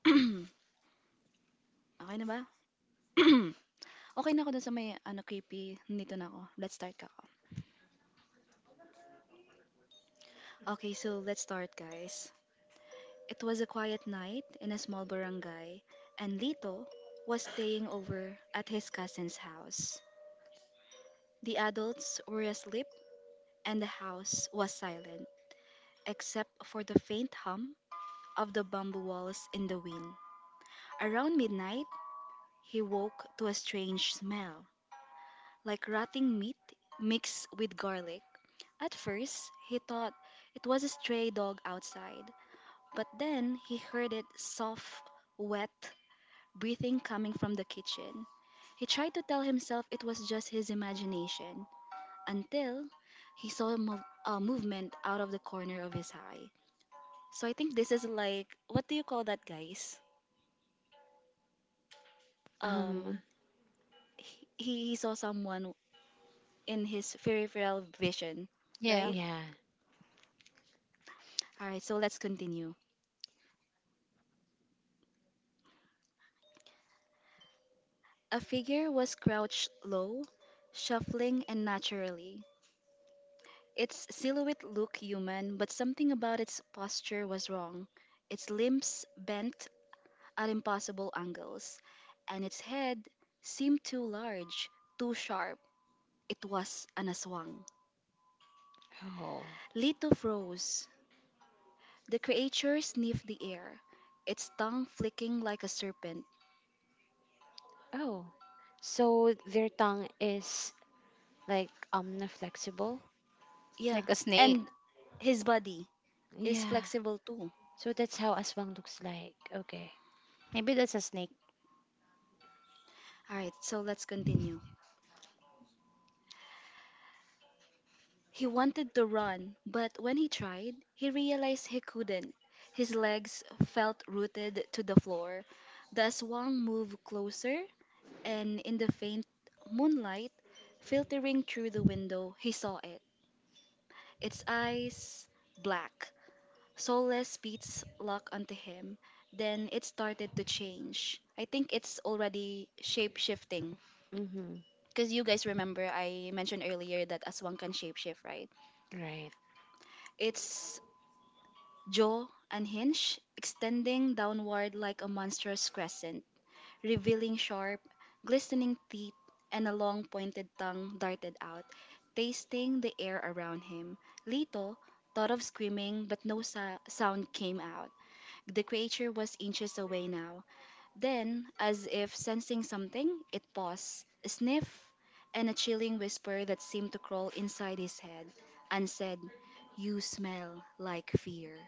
[SPEAKER 1] Okay na ba? Okay na ako dun sa may ano creepy. Nito na ako. Let's start ka. Okay, so let's start, guys. It was a quiet night in a small barangay, and Lito was staying over at his cousin's house. The adults were asleep, and the house was silent, except for the faint hum of the bamboo walls in the wind. Around midnight, he woke to a strange smell, like rotting meat mixed with garlic. At first, he thought it was a stray dog outside, but then he heard it, soft, wet breathing coming from the kitchen. He tried to tell himself it was just his imagination, until he saw a movement out of the corner of his eye. So I think this is like, what do you call that, guys? Um,
[SPEAKER 3] Um,
[SPEAKER 1] he, he saw someone in his peripheral vision,
[SPEAKER 2] Yeah,
[SPEAKER 1] right?
[SPEAKER 3] yeah.
[SPEAKER 1] All right, so let's continue. A figure was crouched low, shuffling and naturally. Its silhouette looked human, but something about its posture was wrong. Its limbs bent at impossible angles, and its head seemed too large, too sharp. It was an aswang.
[SPEAKER 3] Oh.
[SPEAKER 1] Lito froze. The creature sniffed the air, its tongue flicking like a serpent.
[SPEAKER 3] Oh. So their tongue is like flexible.
[SPEAKER 1] Yeah,
[SPEAKER 2] like a snake.
[SPEAKER 1] and his body is
[SPEAKER 3] Yeah.
[SPEAKER 1] flexible too.
[SPEAKER 3] So that's how aswang looks like. Okay.
[SPEAKER 2] Maybe that's a snake.
[SPEAKER 1] Alright, so let's continue. He wanted to run, but when he tried, he realized he couldn't. His legs felt rooted to the floor. The aswang moved closer, and in the faint moonlight filtering through the window, he saw it. Its eyes, black. Soulless beats locked onto him. Then it started to change. I think it's already shape shifting.
[SPEAKER 3] Mm-hmm.
[SPEAKER 1] Because you guys remember, I mentioned earlier that Aswang can shapeshift, right?
[SPEAKER 3] Right.
[SPEAKER 1] Its jaw unhinged, extending downward like a monstrous crescent, revealing sharp, glistening teeth, and a long pointed tongue darted out, tasting the air around him. Lito thought of screaming, but no sound came out. The creature was inches away now. Then, as if sensing something, it paused, a sniff, and a chilling whisper that seemed to crawl inside his head, and said, "You smell like fear."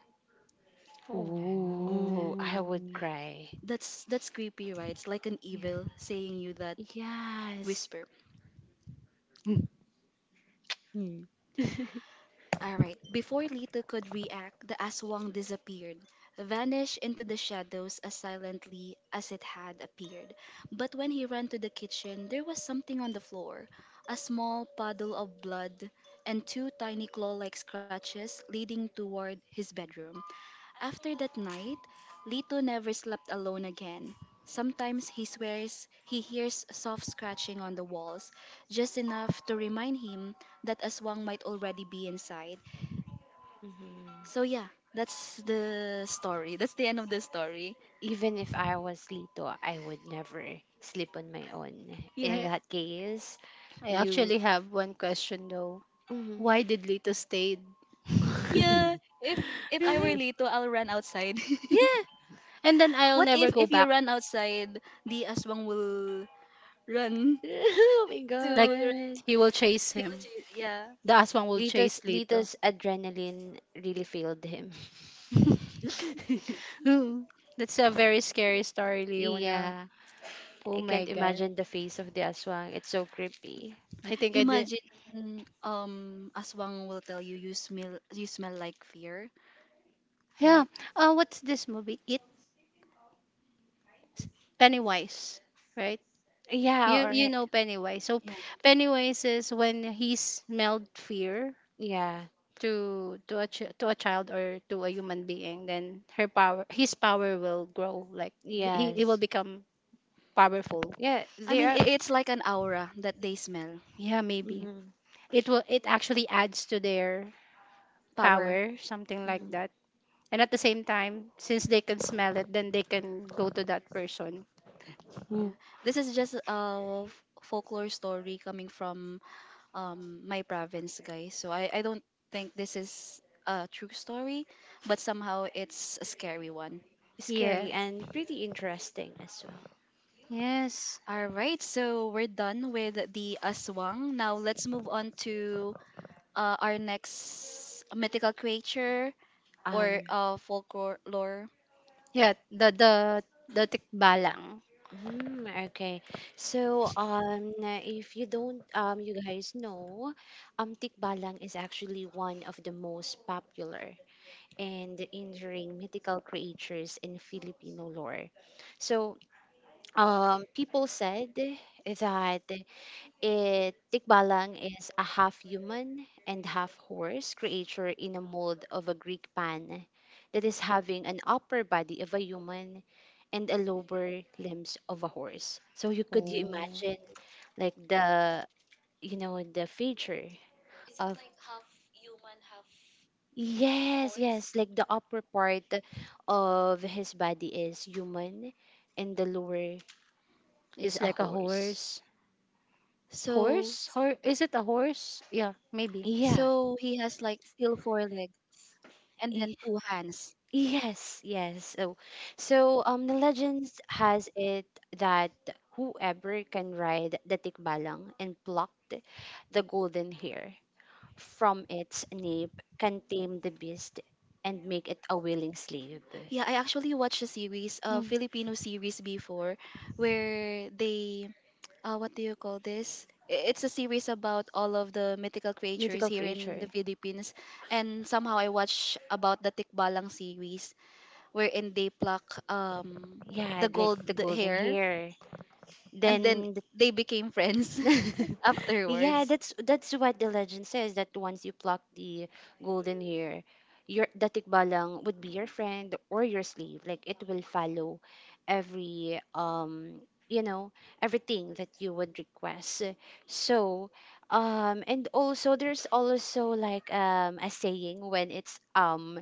[SPEAKER 3] Oh, I would cry.
[SPEAKER 1] That's creepy, right? It's like an
[SPEAKER 3] Yeah.
[SPEAKER 1] evil saying you that
[SPEAKER 3] Yes.
[SPEAKER 1] whisper.
[SPEAKER 2] Mm.
[SPEAKER 3] Mm.
[SPEAKER 1] Alright, before Lito could react, the aswang disappeared, vanished into the shadows as silently as it had appeared. But when he ran to the kitchen, there was something on the floor, a small puddle of blood and two tiny claw like scratches leading toward his bedroom. After that night, Lito never slept alone again. Sometimes he swears he hears soft scratching on the walls, just enough to remind him that Aswang might already be inside.
[SPEAKER 3] Mm-hmm.
[SPEAKER 1] So yeah, that's the story. That's the end of the story.
[SPEAKER 3] Even if I was Lito, I would never sleep on my own.
[SPEAKER 1] Yeah.
[SPEAKER 3] In
[SPEAKER 2] I,
[SPEAKER 3] that case,
[SPEAKER 2] I
[SPEAKER 3] you.
[SPEAKER 2] actually have one question though.
[SPEAKER 3] Mhm.
[SPEAKER 2] Why did Lito stayed?
[SPEAKER 1] Yeah, if if I were
[SPEAKER 2] Right?
[SPEAKER 1] Lito, I'll run outside.
[SPEAKER 2] Yeah. And then I'll
[SPEAKER 1] What if
[SPEAKER 2] never go
[SPEAKER 1] if you
[SPEAKER 2] back.
[SPEAKER 1] run outside, the aswang will run
[SPEAKER 3] Oh my
[SPEAKER 2] Like
[SPEAKER 1] to the
[SPEAKER 3] god.
[SPEAKER 2] he will chase
[SPEAKER 1] rescue?
[SPEAKER 2] him.
[SPEAKER 1] Yeah.
[SPEAKER 2] The aswang will chase Lito.
[SPEAKER 3] Lito's adrenaline really failed him.
[SPEAKER 2] Ooh, that's a very scary story, Leona.
[SPEAKER 3] Yeah.
[SPEAKER 2] Oh
[SPEAKER 3] I
[SPEAKER 2] my
[SPEAKER 3] can't imagine
[SPEAKER 2] god.
[SPEAKER 3] the face of the aswang. It's so creepy.
[SPEAKER 2] I think I did.
[SPEAKER 1] Imagine aswang will tell you, you smell like fear,
[SPEAKER 2] Yeah.
[SPEAKER 1] right?
[SPEAKER 2] What's this movie? It Pennywise, right?
[SPEAKER 3] Yeah,
[SPEAKER 2] You
[SPEAKER 3] all
[SPEAKER 2] you
[SPEAKER 3] right.
[SPEAKER 2] know Pennywise. So
[SPEAKER 1] Yeah.
[SPEAKER 2] Pennywise is when he smelled fear
[SPEAKER 3] Yeah.
[SPEAKER 2] to to a child or to a human being, then her power his power will grow. Like he
[SPEAKER 3] Yes.
[SPEAKER 2] will become powerful.
[SPEAKER 3] Yeah,
[SPEAKER 1] I
[SPEAKER 3] they
[SPEAKER 1] mean
[SPEAKER 3] are
[SPEAKER 1] I it's like an aura that they smell.
[SPEAKER 2] Yeah, maybe.
[SPEAKER 3] mhm,
[SPEAKER 2] It will, it actually adds to their
[SPEAKER 1] Power.
[SPEAKER 2] power, something
[SPEAKER 1] Yeah.
[SPEAKER 2] like
[SPEAKER 3] mhm.
[SPEAKER 2] that. And at the same time, since they can smell it, then they can go to that person.
[SPEAKER 1] Yeah.
[SPEAKER 2] Mm.
[SPEAKER 1] This is just a folklore story coming from my province, guys. So I don't think this is a true story, but somehow it's a scary one.
[SPEAKER 2] Yeah.
[SPEAKER 3] Scary and pretty interesting as well.
[SPEAKER 2] Yes.
[SPEAKER 1] All right, so we're done with the aswang. Now let's move on to our next mythical creature or
[SPEAKER 3] Um,
[SPEAKER 1] folklore.
[SPEAKER 2] yeah the the the tikbalang.
[SPEAKER 3] mm, okay. So, if you don't, you guys know, tikbalang is actually one of the most popular and injuring mythical creatures in Filipino lore. So, people said that Tikbalang is a half human and half horse creature in a mold of a Greek pan that is having an upper body of a human and a lower limbs of a horse. So, you could you
[SPEAKER 2] Oh.
[SPEAKER 3] imagine like the you know the feature of Yes, yes, like the upper part of his body is human and the lower is
[SPEAKER 2] Is
[SPEAKER 3] a
[SPEAKER 2] like a
[SPEAKER 3] horse.
[SPEAKER 2] horse.
[SPEAKER 1] So,
[SPEAKER 2] Horse or is it a horse, yeah, maybe.
[SPEAKER 3] Yeah.
[SPEAKER 1] so he has like still four legs and
[SPEAKER 3] y-
[SPEAKER 1] then two hands.
[SPEAKER 3] Yes, yes. So the legends has it that whoever can ride the tikbalang and pluck the golden hair from its nape can tame the beast and make it a willing slave.
[SPEAKER 1] Yeah, I actually watched a series, a
[SPEAKER 2] Mm.
[SPEAKER 1] Filipino series before, where they, what do you call this? It's a series about all of the mythical creatures
[SPEAKER 3] Mythical
[SPEAKER 1] here in
[SPEAKER 3] creature.
[SPEAKER 1] the Philippines, and somehow I watch about the Tikbalang series, wherein they pluck um
[SPEAKER 3] Yeah,
[SPEAKER 1] the
[SPEAKER 3] like
[SPEAKER 1] gold
[SPEAKER 3] the golden
[SPEAKER 1] hair,
[SPEAKER 3] hair.
[SPEAKER 1] and then
[SPEAKER 3] Then the
[SPEAKER 1] they became friends
[SPEAKER 3] yeah,
[SPEAKER 1] afterwards.
[SPEAKER 3] that's what the legend says that once you pluck the golden hair, your the tikbalang would be your friend or your slave. Like it will follow every you know everything that you would request. So and also there's also like a saying when it's um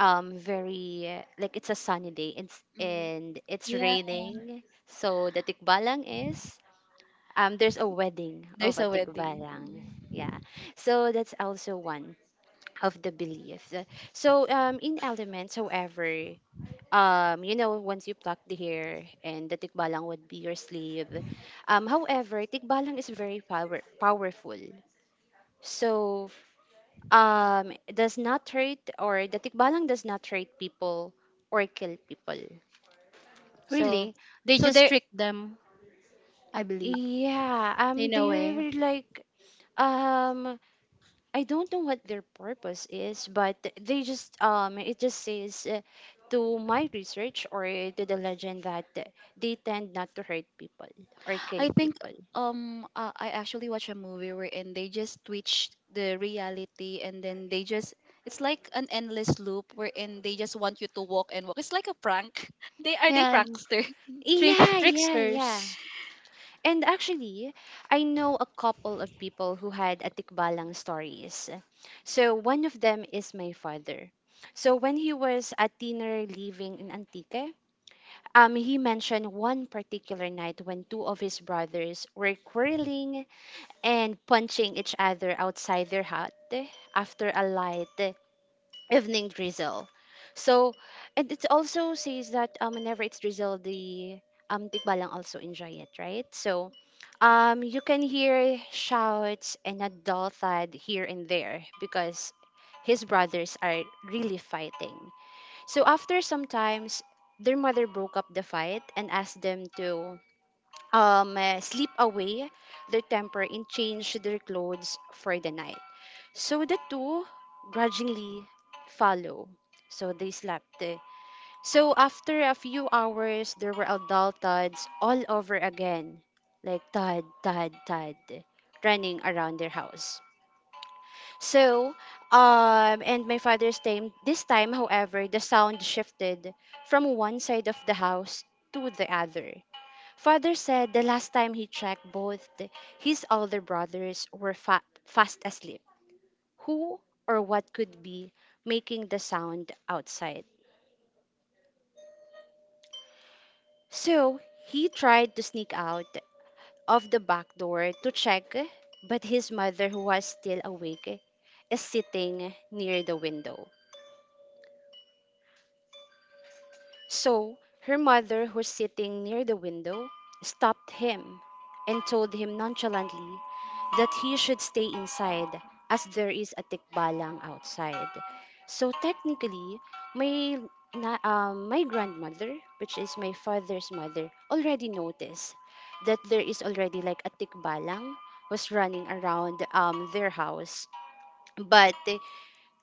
[SPEAKER 3] um very like it's a sunny day
[SPEAKER 1] Mm.
[SPEAKER 3] and it's
[SPEAKER 1] Yeah,
[SPEAKER 3] raining so the tikbalang is there's a wedding of
[SPEAKER 1] there's
[SPEAKER 3] a
[SPEAKER 1] a wedding.
[SPEAKER 3] tikbalang
[SPEAKER 1] Mm.
[SPEAKER 3] yeah so that's also one of the beliefs. So in elements however you know once you pluck the hair and the tikbalang would be your slave, however tikbalang is very powerful. So does not treat or the tikbalang does not treat people or kill people. So
[SPEAKER 2] Really, they
[SPEAKER 1] So
[SPEAKER 2] just
[SPEAKER 1] there.
[SPEAKER 2] tricked them, I believe,
[SPEAKER 3] yeah,
[SPEAKER 2] in a
[SPEAKER 3] they
[SPEAKER 2] way.
[SPEAKER 3] really like um I don't know what their purpose is, but they just it just says, to my research or to the legend that they tend not to hurt people or
[SPEAKER 1] I
[SPEAKER 3] kill
[SPEAKER 1] think,
[SPEAKER 3] people.
[SPEAKER 1] I actually watched a movie wherein they just twitched the reality and then they just, it's like an endless loop wherein they just want you to walk and walk. It's like a prank. They are, they
[SPEAKER 2] Yeah, and
[SPEAKER 1] prankster.
[SPEAKER 3] Yeah.
[SPEAKER 2] tricksters.
[SPEAKER 3] And actually, I know a couple of people who had atikbalang stories. So one of them is my father. So when he was a dinner living in Antique, he mentioned one particular night when two of his brothers were quarreling and punching each other outside their hut after a light evening drizzle. So, and it also says that whenever it's drizzle, the tikbalang also enjoy it, right? So, you can hear shouts and a dull thud here and there because his brothers are really fighting. So after some times, their mother broke up the fight and asked them to sleep away their temper and change their clothes for the night. So the two grudgingly follow. So they slept. Eh. So after a few hours, there were adult Tods all over again. Like Todd, Todd, Todd, running around their house. So, and my father's time, this time, however, the sound shifted from one side of the house to the other. Father said the last time he checked, both his older brothers were fast asleep who or what could be making the sound outside. So he tried to sneak out of the back door to check, but his mother, who was still awake, is sitting near the window. So her mother, who's sitting near the window, stopped him and told him nonchalantly that he should stay inside as there is a tikbalang outside. So technically, my my grandmother, which is my father's mother, already noticed that there is already like a tikbalang was running around their house. But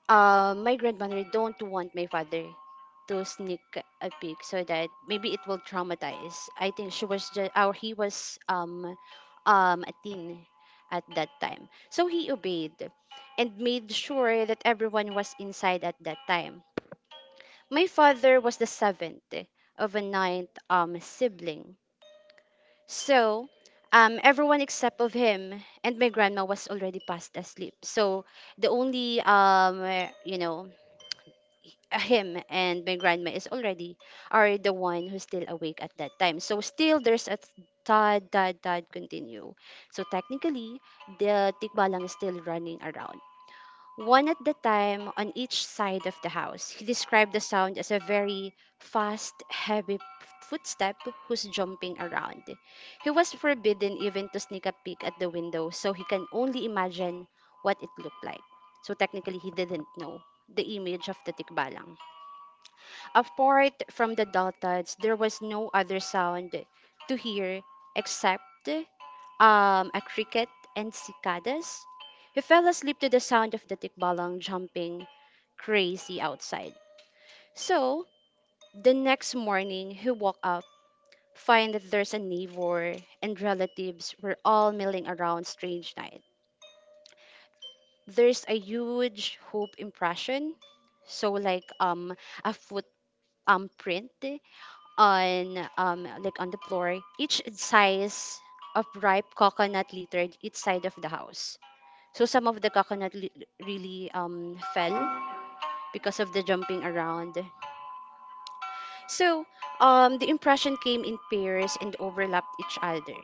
[SPEAKER 3] my grandmother don't want my father to sneak a peek so that maybe it will traumatize. I think she was just or he was a teen at that time. So he obeyed and made sure that everyone was inside at that time. My father was the seventh of a ninth sibling. So everyone except of him and my grandma was already fast asleep. So the only you know him and my grandma is already are the one who's still awake at that time. So still there's a tad tad tad continue. So technically the tikbalang is still running around. One at the time on each side of the house. He described the sound as a very fast, heavy footstep who's jumping around. He was forbidden even to sneak a peek at the window, so he can only imagine what it looked like. So technically, he didn't know the image of the tikbalang. Apart from the dolphins, there was no other sound to hear except a cricket and cicadas. He fell asleep to the sound of the tikbalang jumping crazy outside. So, the next morning, he woke up, find that there's a neighbor and relatives were all milling around strange night. There's a huge hoop impression, so like a foot print on like on the floor each size of ripe coconut littered each side of the house. So some of the coconut li- really fell because of the jumping around. So the impression came in pairs and overlapped each other,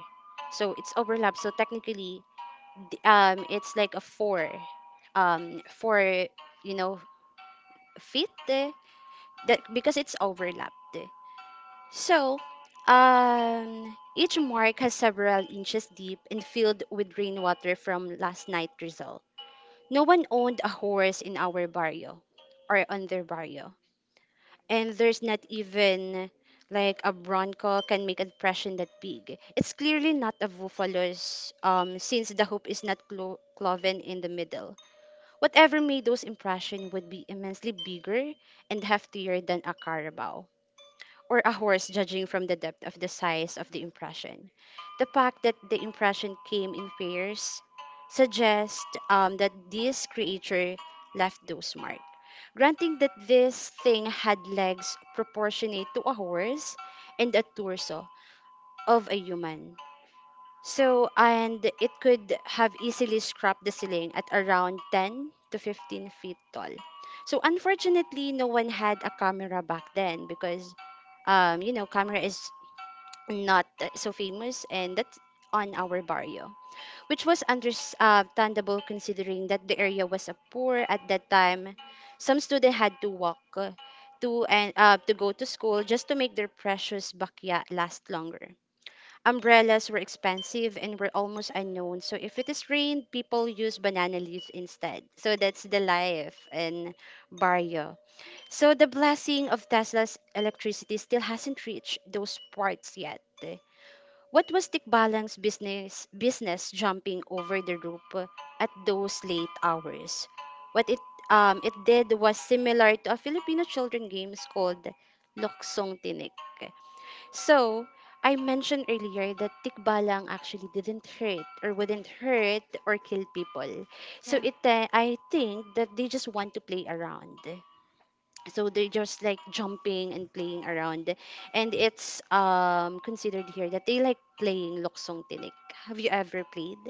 [SPEAKER 3] so it's overlapped, so technically it's like a four you know feet, eh, that because it's overlapped. So, each mark has several inches deep and filled with rainwater from last night's result. No one owned a horse in our barrio or on their barrio. And there's not even like a bronco can make impression that big. It's clearly not a buffalo's, since the hoop is not cloven in the middle. Whatever made those impression would be immensely bigger and heftier than a carabao or a horse, judging from the depth of the size of the impression. The fact that the impression came in pairs suggests, that this creature left those marks. Granting that this thing had legs proportionate to a horse and a torso of a human. So, and it could have easily scrapped the ceiling at around 10 to 15 feet tall. So, unfortunately, no one had a camera back then because, camera is not that so famous, and that's on our barrio, which was understandable considering that the area was a poor at that time. Some students had to walk to and to go to school just to make their precious bakya last longer. Umbrellas were expensive and were almost unknown, so if it is rain, people use banana leaves instead. So that's the life in barrio. So the blessing of Tesla's electricity still hasn't reached those parts yet. What was Tikbalang business jumping over the roof at those late hours? What it did was similar to a Filipino children games called Loksong Tinik. So I mentioned earlier that tikbalang actually didn't hurt or wouldn't hurt or kill people. So
[SPEAKER 1] Yeah.
[SPEAKER 3] it I think that they just want to play around, so they're just like jumping and playing around. And it's considered here that they like playing loksong tinik. Have you ever played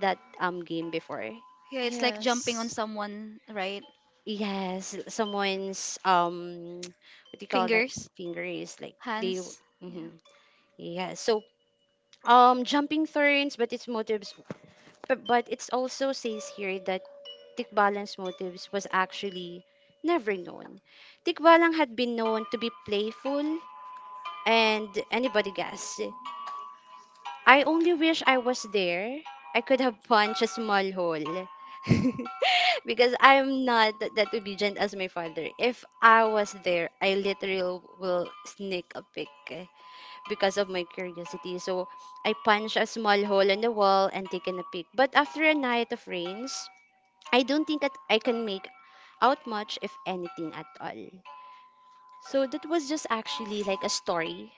[SPEAKER 3] that game before?
[SPEAKER 1] Yeah, it's like jumping
[SPEAKER 2] Yes.
[SPEAKER 1] on someone, right?
[SPEAKER 3] Yes, someone's what do you call that,
[SPEAKER 1] Fingers,
[SPEAKER 3] finger is like they
[SPEAKER 1] hands. Yeah.
[SPEAKER 3] mm, yeah. So jumping turns but its motives, but it's also says here that tikbalan's motives was actually never known. Tikbalang had been known to be playful. And anybody guess? I only wish I was there. I could have punched a small hole. Because I'm not that obedient as my father. If I was there, I literally will sneak a peek, eh, because of my curiosity. So I punched a small hole in the wall and taken a peek. But after a night of rains, I don't think that I can make out much, if anything at all. So that was just actually like a story,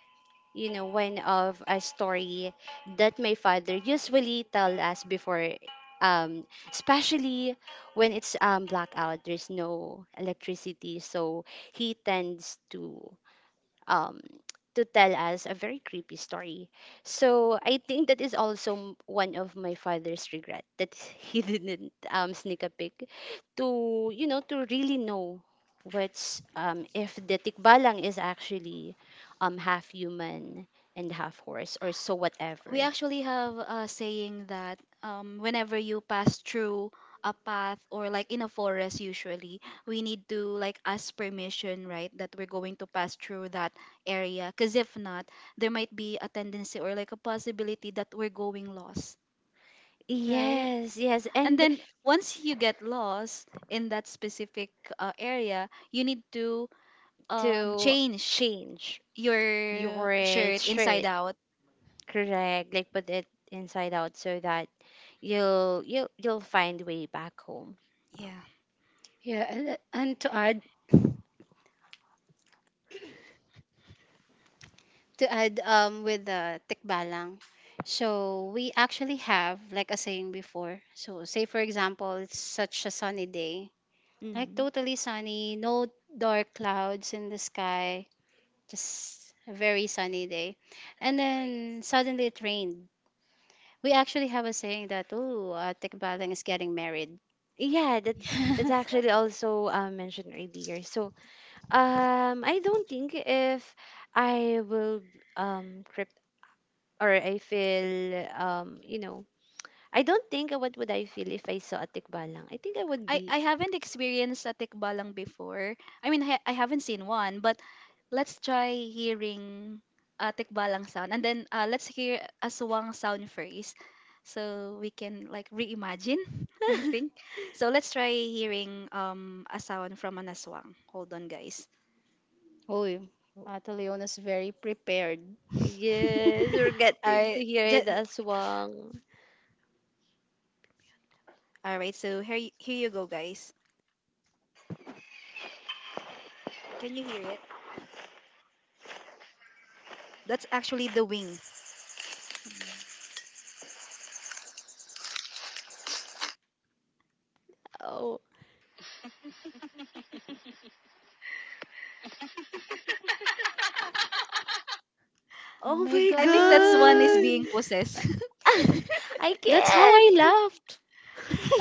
[SPEAKER 3] you know, one of a story that my father usually tell us before, um especially when it's blackout, there's no electricity. So he tends to, um, to tell us a very creepy story. So I think that is also one of my father's regret that he didn't, sneak a peek to, you know, to really know what's, if the tikbalang is actually, half human and half horse or so whatever.
[SPEAKER 1] We actually have a saying that, whenever you pass through a path or like in a forest, usually we need to like ask permission, right, that we're going to pass through that area, because if not, there might be a tendency or like a possibility that we're going lost, right?
[SPEAKER 3] Yes, yes,
[SPEAKER 1] And
[SPEAKER 3] and
[SPEAKER 1] then once you get lost in that specific area, you need to
[SPEAKER 3] to
[SPEAKER 1] change
[SPEAKER 3] change
[SPEAKER 1] your
[SPEAKER 3] your
[SPEAKER 1] shirt inside
[SPEAKER 3] shirt.
[SPEAKER 1] out.
[SPEAKER 3] Correct. Like put it inside out so that you'll find way back home.
[SPEAKER 1] Yeah.
[SPEAKER 2] Yeah, and to add, um, with the tikbalang. So we actually have like a saying before. So say for example, it's such a sunny day. Like
[SPEAKER 3] Mm.
[SPEAKER 2] totally sunny, no dark clouds in the sky. Just a very sunny day. And then suddenly it rained. We actually have a saying that, oh, tikbalang is getting married.
[SPEAKER 3] Yeah, that's actually also, mentioned earlier. So, I don't think if I will crypt or I feel I don't think, what would I feel if I saw a tikbalang. I think I would
[SPEAKER 1] I,
[SPEAKER 3] be.
[SPEAKER 1] I haven't experienced a tikbalang before. I mean, I haven't seen one, but let's try hearing a tikbalang sound. And then let's hear a suwang sound first, so we can like reimagine, I think. So let's try hearing a sound from an aswang. Hold on, guys.
[SPEAKER 2] Oh, Ate Leona's very prepared.
[SPEAKER 3] Yes, we're
[SPEAKER 1] All
[SPEAKER 3] getting
[SPEAKER 1] right.
[SPEAKER 3] to hear
[SPEAKER 1] Just,
[SPEAKER 3] the aswang.
[SPEAKER 1] all right, so here, here you go, guys. Can you hear it? That's actually the wing.
[SPEAKER 3] Oh,
[SPEAKER 2] Oh
[SPEAKER 3] oh
[SPEAKER 2] my
[SPEAKER 3] my
[SPEAKER 1] I think that's one is being
[SPEAKER 3] god.
[SPEAKER 2] god.
[SPEAKER 1] possessed.
[SPEAKER 3] I
[SPEAKER 2] That's how I
[SPEAKER 3] can't.
[SPEAKER 2] laughed.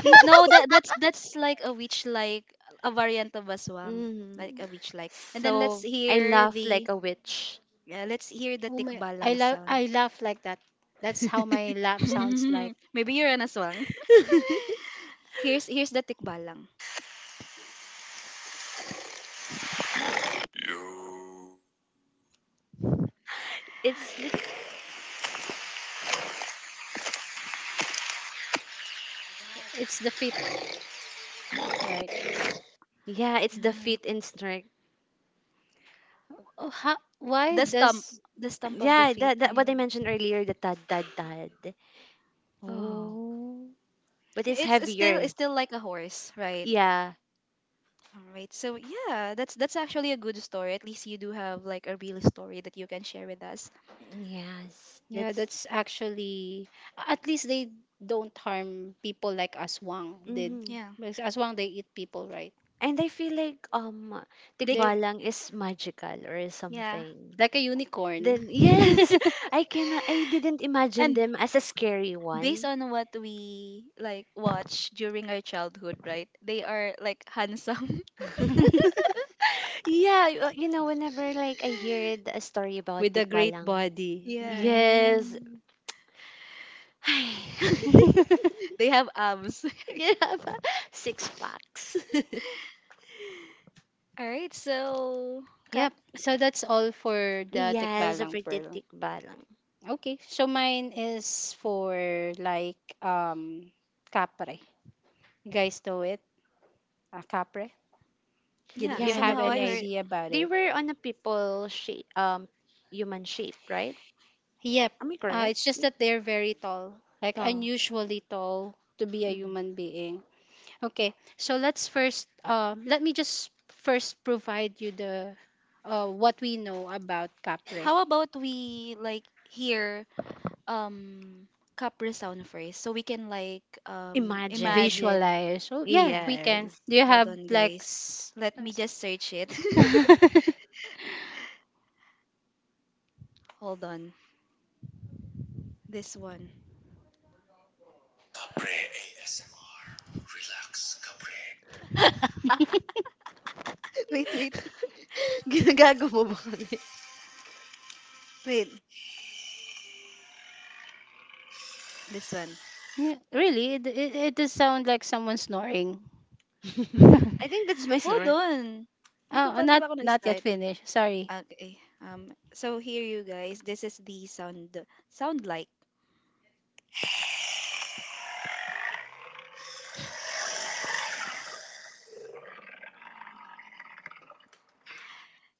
[SPEAKER 1] No, that, that's like a witch like, a variant of aswang,
[SPEAKER 3] Mhm.
[SPEAKER 1] like a witch like. And then let's
[SPEAKER 3] So I
[SPEAKER 1] hear
[SPEAKER 3] laugh like
[SPEAKER 1] the,
[SPEAKER 3] a witch.
[SPEAKER 1] yeah, let's hear the
[SPEAKER 2] Oh my I
[SPEAKER 1] tikbalang
[SPEAKER 2] laugh
[SPEAKER 1] sound.
[SPEAKER 2] I laugh like that. That's how my laugh sounds like.
[SPEAKER 1] Maybe you're an aswang. Here's, the tikbalang.
[SPEAKER 3] It's look,
[SPEAKER 2] It's the fit. Alright.
[SPEAKER 3] yeah, it's the
[SPEAKER 1] Yeah.
[SPEAKER 3] feet in snark.
[SPEAKER 2] Oh how? Why
[SPEAKER 1] The stump,
[SPEAKER 2] does
[SPEAKER 1] the stump of the
[SPEAKER 3] Yeah,
[SPEAKER 1] feet.
[SPEAKER 3] that what I mentioned
[SPEAKER 2] yeah.
[SPEAKER 3] earlier, the tad tad tad. Oh,
[SPEAKER 2] Oh,
[SPEAKER 3] but it's
[SPEAKER 1] It's still it's
[SPEAKER 3] heavier.
[SPEAKER 1] still like a horse, right?
[SPEAKER 3] Yeah,
[SPEAKER 1] All right. So yeah, that's actually a good story. At least you do have like a real story that you can share with us.
[SPEAKER 3] yes,
[SPEAKER 2] yeah,
[SPEAKER 3] that's.
[SPEAKER 2] that's actually at least they don't harm people like Aswang did.
[SPEAKER 3] Hmm.
[SPEAKER 1] Yeah.
[SPEAKER 2] Because Aswang they eat people, right?
[SPEAKER 3] And I feel like
[SPEAKER 1] They c-
[SPEAKER 2] They
[SPEAKER 3] tikbalang is magical or
[SPEAKER 1] yeah.
[SPEAKER 3] something.
[SPEAKER 2] Like a unicorn
[SPEAKER 3] Then yes, I cannot. I didn't imagine
[SPEAKER 1] And
[SPEAKER 3] them as a scary
[SPEAKER 1] based
[SPEAKER 3] one.
[SPEAKER 1] on what we like watch during our childhood, right? They are like handsome.
[SPEAKER 3] Yeah, you know, whenever like I hear a story about
[SPEAKER 2] with a great
[SPEAKER 3] tikbalang,
[SPEAKER 2] body.
[SPEAKER 1] Yeah.
[SPEAKER 3] yes.
[SPEAKER 2] Right.
[SPEAKER 1] They have abs.
[SPEAKER 3] You have a six packs.
[SPEAKER 1] All right, so Kat,
[SPEAKER 2] Yep. So that's all for the
[SPEAKER 3] Yes, a
[SPEAKER 2] Tikbalang
[SPEAKER 3] pretty
[SPEAKER 2] Pearl.
[SPEAKER 3] tikbalang.
[SPEAKER 2] Okay. So mine is for like Capre. You guys know it? Capre?
[SPEAKER 1] yeah,
[SPEAKER 2] You
[SPEAKER 3] Yeah,
[SPEAKER 2] have
[SPEAKER 1] somehow
[SPEAKER 3] that
[SPEAKER 1] I
[SPEAKER 2] any
[SPEAKER 3] was.
[SPEAKER 1] heard.
[SPEAKER 2] idea about
[SPEAKER 3] They
[SPEAKER 2] it?
[SPEAKER 3] were on a people shape, human shape, right?
[SPEAKER 2] Yep.
[SPEAKER 3] Am I
[SPEAKER 2] It's
[SPEAKER 3] correct?
[SPEAKER 2] just
[SPEAKER 3] Yeah.
[SPEAKER 2] that they're very tall. Like
[SPEAKER 3] Tall.
[SPEAKER 2] unusually tall to be a
[SPEAKER 3] Mhm.
[SPEAKER 2] human being. Okay, so let me just first provide you the what we know about Capre.
[SPEAKER 1] How about we like hear um Capra sound first, so we can like
[SPEAKER 3] Imagine.
[SPEAKER 1] imagine.
[SPEAKER 2] Visualize. Oh, yeah,
[SPEAKER 1] Yeah,
[SPEAKER 2] we can.
[SPEAKER 3] Yes.
[SPEAKER 2] Do you
[SPEAKER 1] hold
[SPEAKER 2] have
[SPEAKER 1] on,
[SPEAKER 2] like.
[SPEAKER 1] guys.
[SPEAKER 2] S-
[SPEAKER 1] Let me just search it. Hold on. This one. Wait, wait,
[SPEAKER 3] Ginagago mo ba kami?
[SPEAKER 1] wait. This one.
[SPEAKER 2] yeah, really? It does sound like someone snoring.
[SPEAKER 3] I think that's my
[SPEAKER 1] Hold
[SPEAKER 3] snore.
[SPEAKER 1] on. Hindi ko
[SPEAKER 2] Oh,
[SPEAKER 1] pa, di
[SPEAKER 2] not
[SPEAKER 1] ba ako
[SPEAKER 2] not yet
[SPEAKER 1] nag-start?
[SPEAKER 2] finished. Sorry.
[SPEAKER 1] Okay. So here, you guys, this is the sound like.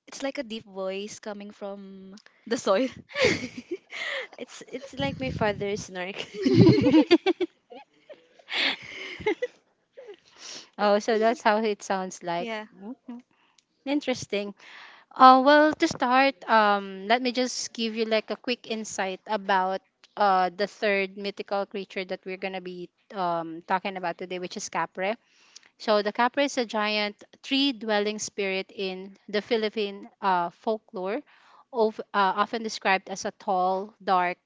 [SPEAKER 1] It's like a deep voice coming from the soil.
[SPEAKER 3] It's like my father's snark.
[SPEAKER 2] Oh, so that's how it sounds like.
[SPEAKER 1] Yeah.
[SPEAKER 2] Okay. Interesting. Well, to start, let me just give you like a quick insight about the third mythical creature that we're gonna be talking about today, which is Capre. So the Capre is a giant tree-dwelling spirit in the Philippine folklore, of, often described as a tall, dark,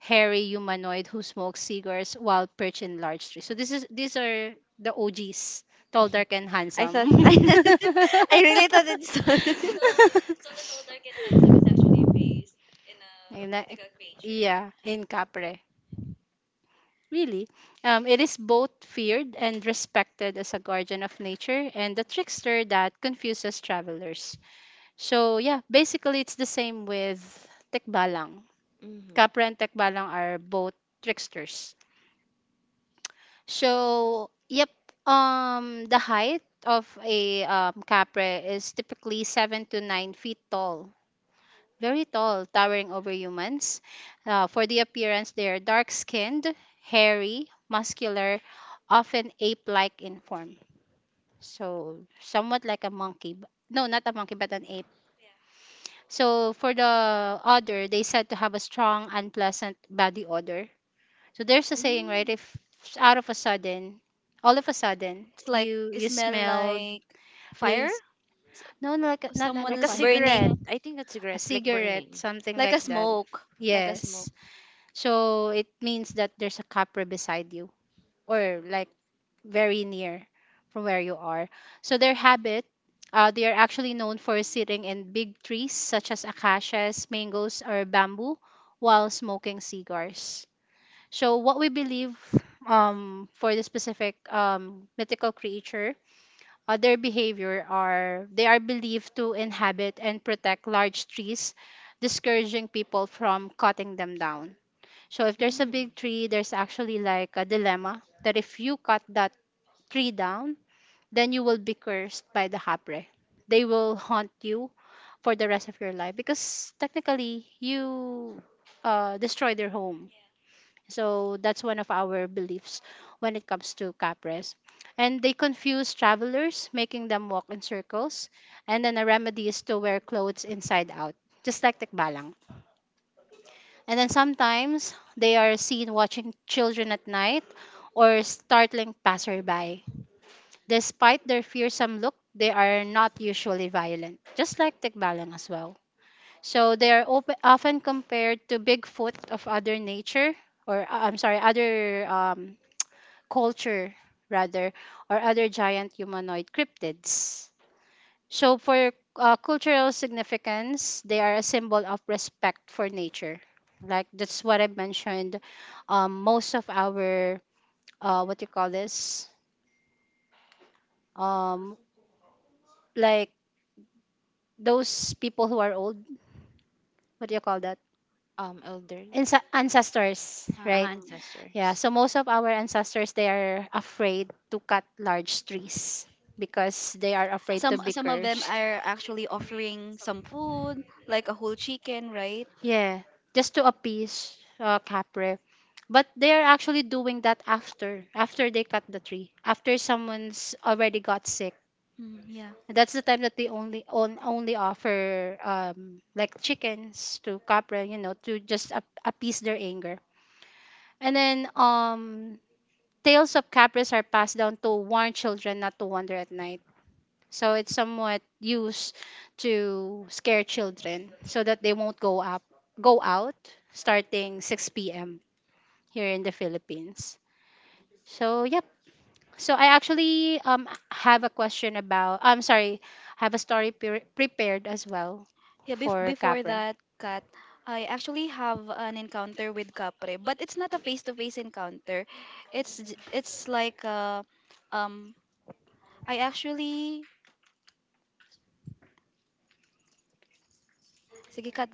[SPEAKER 2] hairy humanoid who smokes cigars while perched in large trees. So this is these are the OGs, tall, dark, and
[SPEAKER 3] I
[SPEAKER 2] handsome.
[SPEAKER 3] thought I I really thought it's.
[SPEAKER 2] In a- yeah, in Capre. Really. It is both feared and respected as a guardian of nature and a trickster that confuses travelers. So, yeah, basically it's the same with Tekbalang.
[SPEAKER 3] Mm-hmm.
[SPEAKER 2] Capre and Tekbalang are both tricksters. So, yep, the height of a Capre is typically 7 to 9 feet tall, very tall, towering over humans. For the appearance, they are dark skinned, hairy, muscular, often ape like in form. So, somewhat like a monkey. No, not a monkey, but an ape. So, for the odor, they said to have a strong, unpleasant body odor. So, there's a saying, right?
[SPEAKER 3] Mm.
[SPEAKER 2] If out of a sudden, all of a sudden,
[SPEAKER 1] It's like
[SPEAKER 2] you
[SPEAKER 1] it
[SPEAKER 2] you
[SPEAKER 1] smell
[SPEAKER 2] smelled
[SPEAKER 1] like
[SPEAKER 2] really
[SPEAKER 1] fire.
[SPEAKER 2] s-
[SPEAKER 1] S-
[SPEAKER 2] no, like a- not
[SPEAKER 1] Someone
[SPEAKER 2] a
[SPEAKER 3] Like a
[SPEAKER 1] is
[SPEAKER 2] fire,
[SPEAKER 3] cigarette.
[SPEAKER 1] burning,
[SPEAKER 3] I think a
[SPEAKER 2] a
[SPEAKER 3] cigarette like
[SPEAKER 2] cigarette,
[SPEAKER 3] burning.
[SPEAKER 2] something
[SPEAKER 1] like a
[SPEAKER 2] like that.
[SPEAKER 1] smoke. Like a smoke.
[SPEAKER 2] Yes. So it means that there's a Capra beside you, or like very near from where you are. So their habit, they are actually known for sitting in big trees such as acacias, mangoes, or bamboo while smoking cigars. So what we believe, for the specific mythical creature, their behavior are they are believed to inhabit and protect large trees, discouraging people from cutting them down. So if there's a
[SPEAKER 3] Mm.
[SPEAKER 2] big tree, there's actually like a dilemma that if you cut that tree down, then you will be cursed by the hapre. They will haunt you for the rest of your life because technically you destroy their home. So that's one of our beliefs when it comes to capres. And they confuse travelers, making them walk in circles. And then a remedy is to wear clothes inside out, just like tekbalang. And then sometimes they are seen watching children at night or startling passerby. Despite their fearsome look, they are not usually violent, just like Tikbalang as well. So they are often compared to Bigfoot of other nature, or I'm sorry, other culture rather, or other giant humanoid cryptids. So, for cultural significance, they are a symbol of respect for nature. Like that's what I mentioned. Most of our what do you call this? Um, like those people who are old. What do you call that?
[SPEAKER 3] Elder.
[SPEAKER 2] Ancestors,
[SPEAKER 3] Uh,
[SPEAKER 2] right?
[SPEAKER 1] Um,
[SPEAKER 2] Yeah.
[SPEAKER 3] ancestors.
[SPEAKER 2] So most of our ancestors they are afraid to cut large trees because they are afraid to be
[SPEAKER 1] Some of them
[SPEAKER 2] cursed.
[SPEAKER 1] are actually offering some food, like a whole chicken, right?
[SPEAKER 2] Yeah, just to appease Capre. But they're actually doing that after they cut the tree, after someone's already got sick.
[SPEAKER 1] Mm, yeah.
[SPEAKER 2] That's the time that they only offer like chickens to Capre, you know, to just appease their anger. And then tales of Capres are passed down to warn children not to wander at night. So it's somewhat used to scare children so that they won't go out starting 6 p.m. here in the Philippines. So yep. So I actually have a question about I'm sorry, have a story prepared as well
[SPEAKER 1] Yeah,
[SPEAKER 2] for
[SPEAKER 1] before
[SPEAKER 2] Capra.
[SPEAKER 1] that, Kat, I actually have an encounter with Capre, but it's not a face-to-face encounter. It's like, um I actually sige Kat.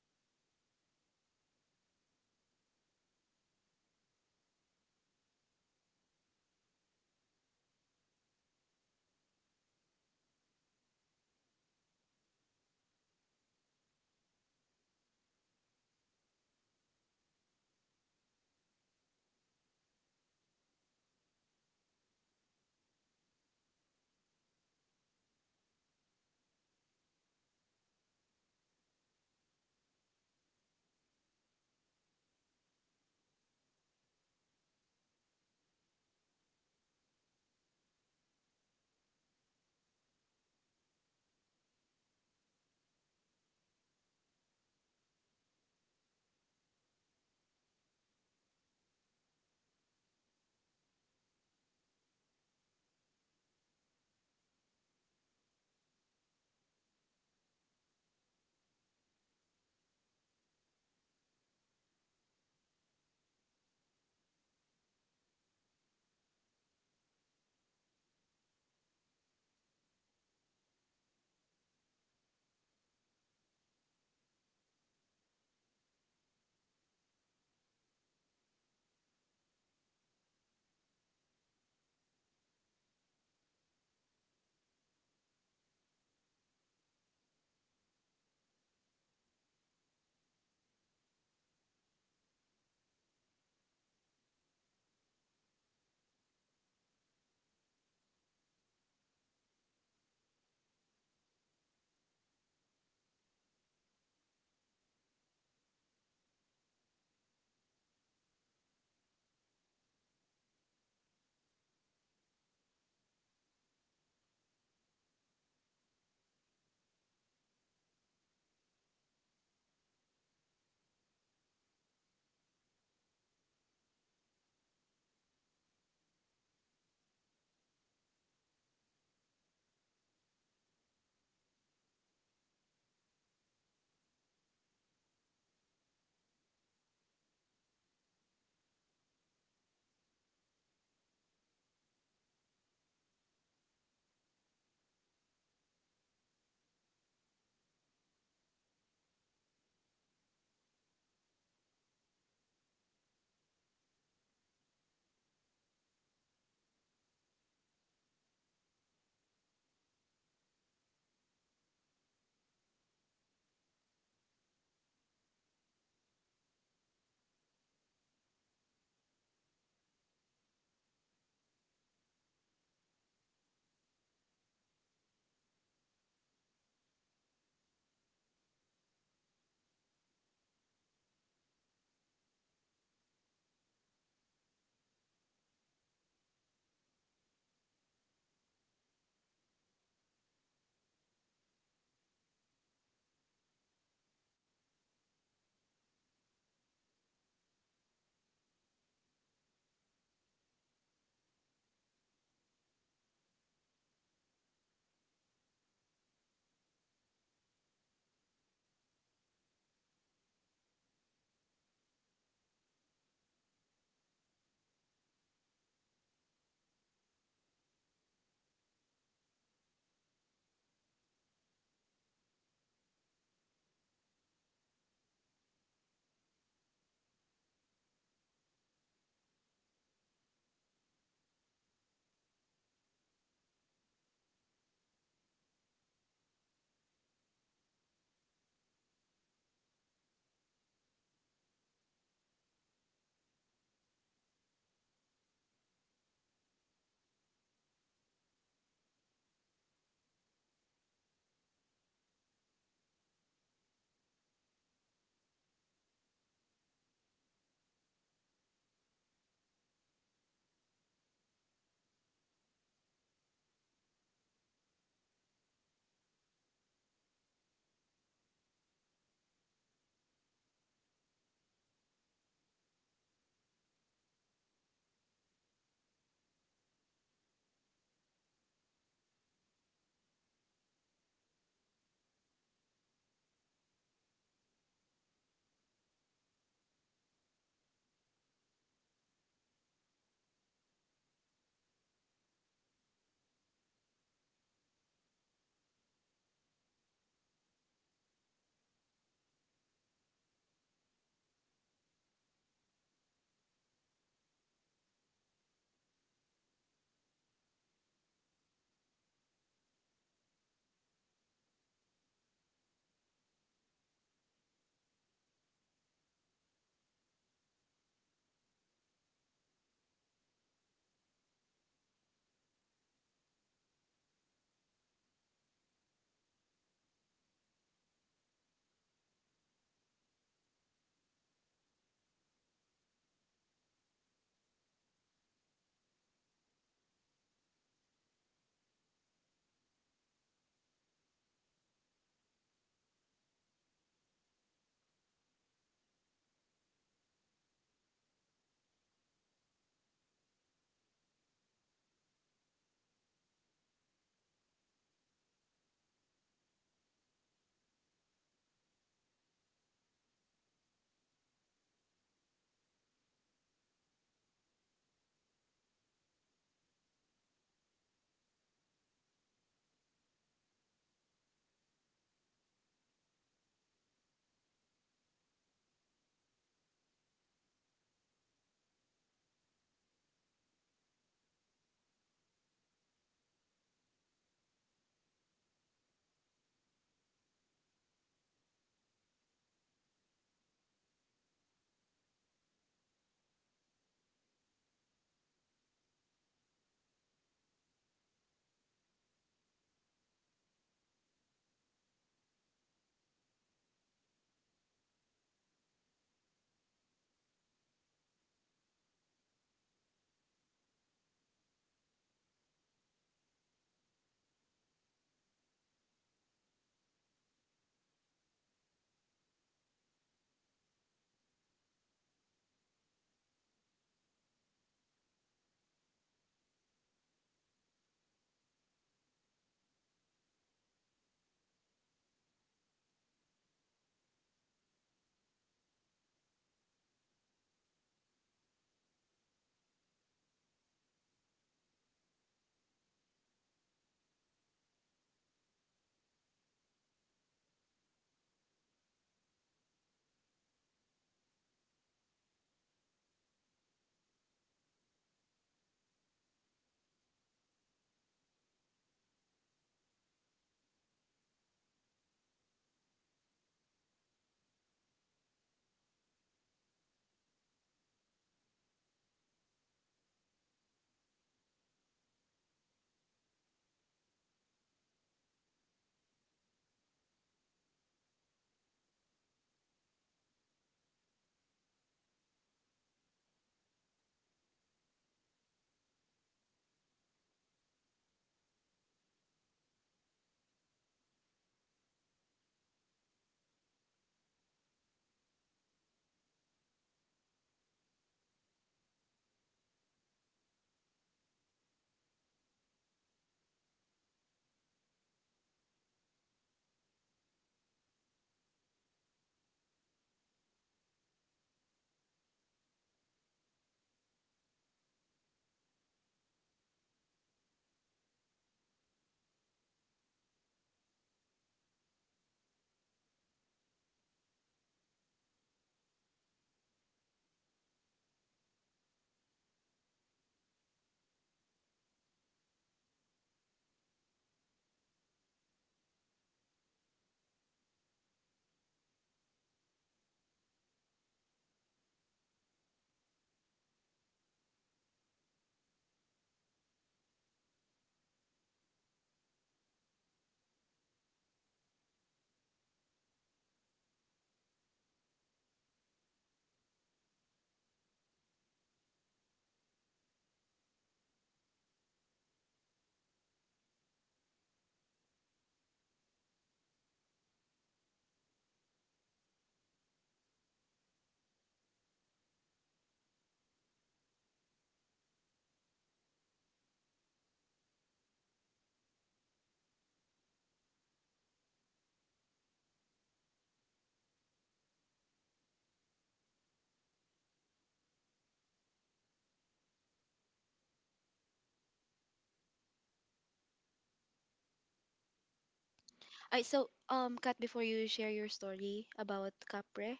[SPEAKER 1] I so Kat, before you share your story about Capre,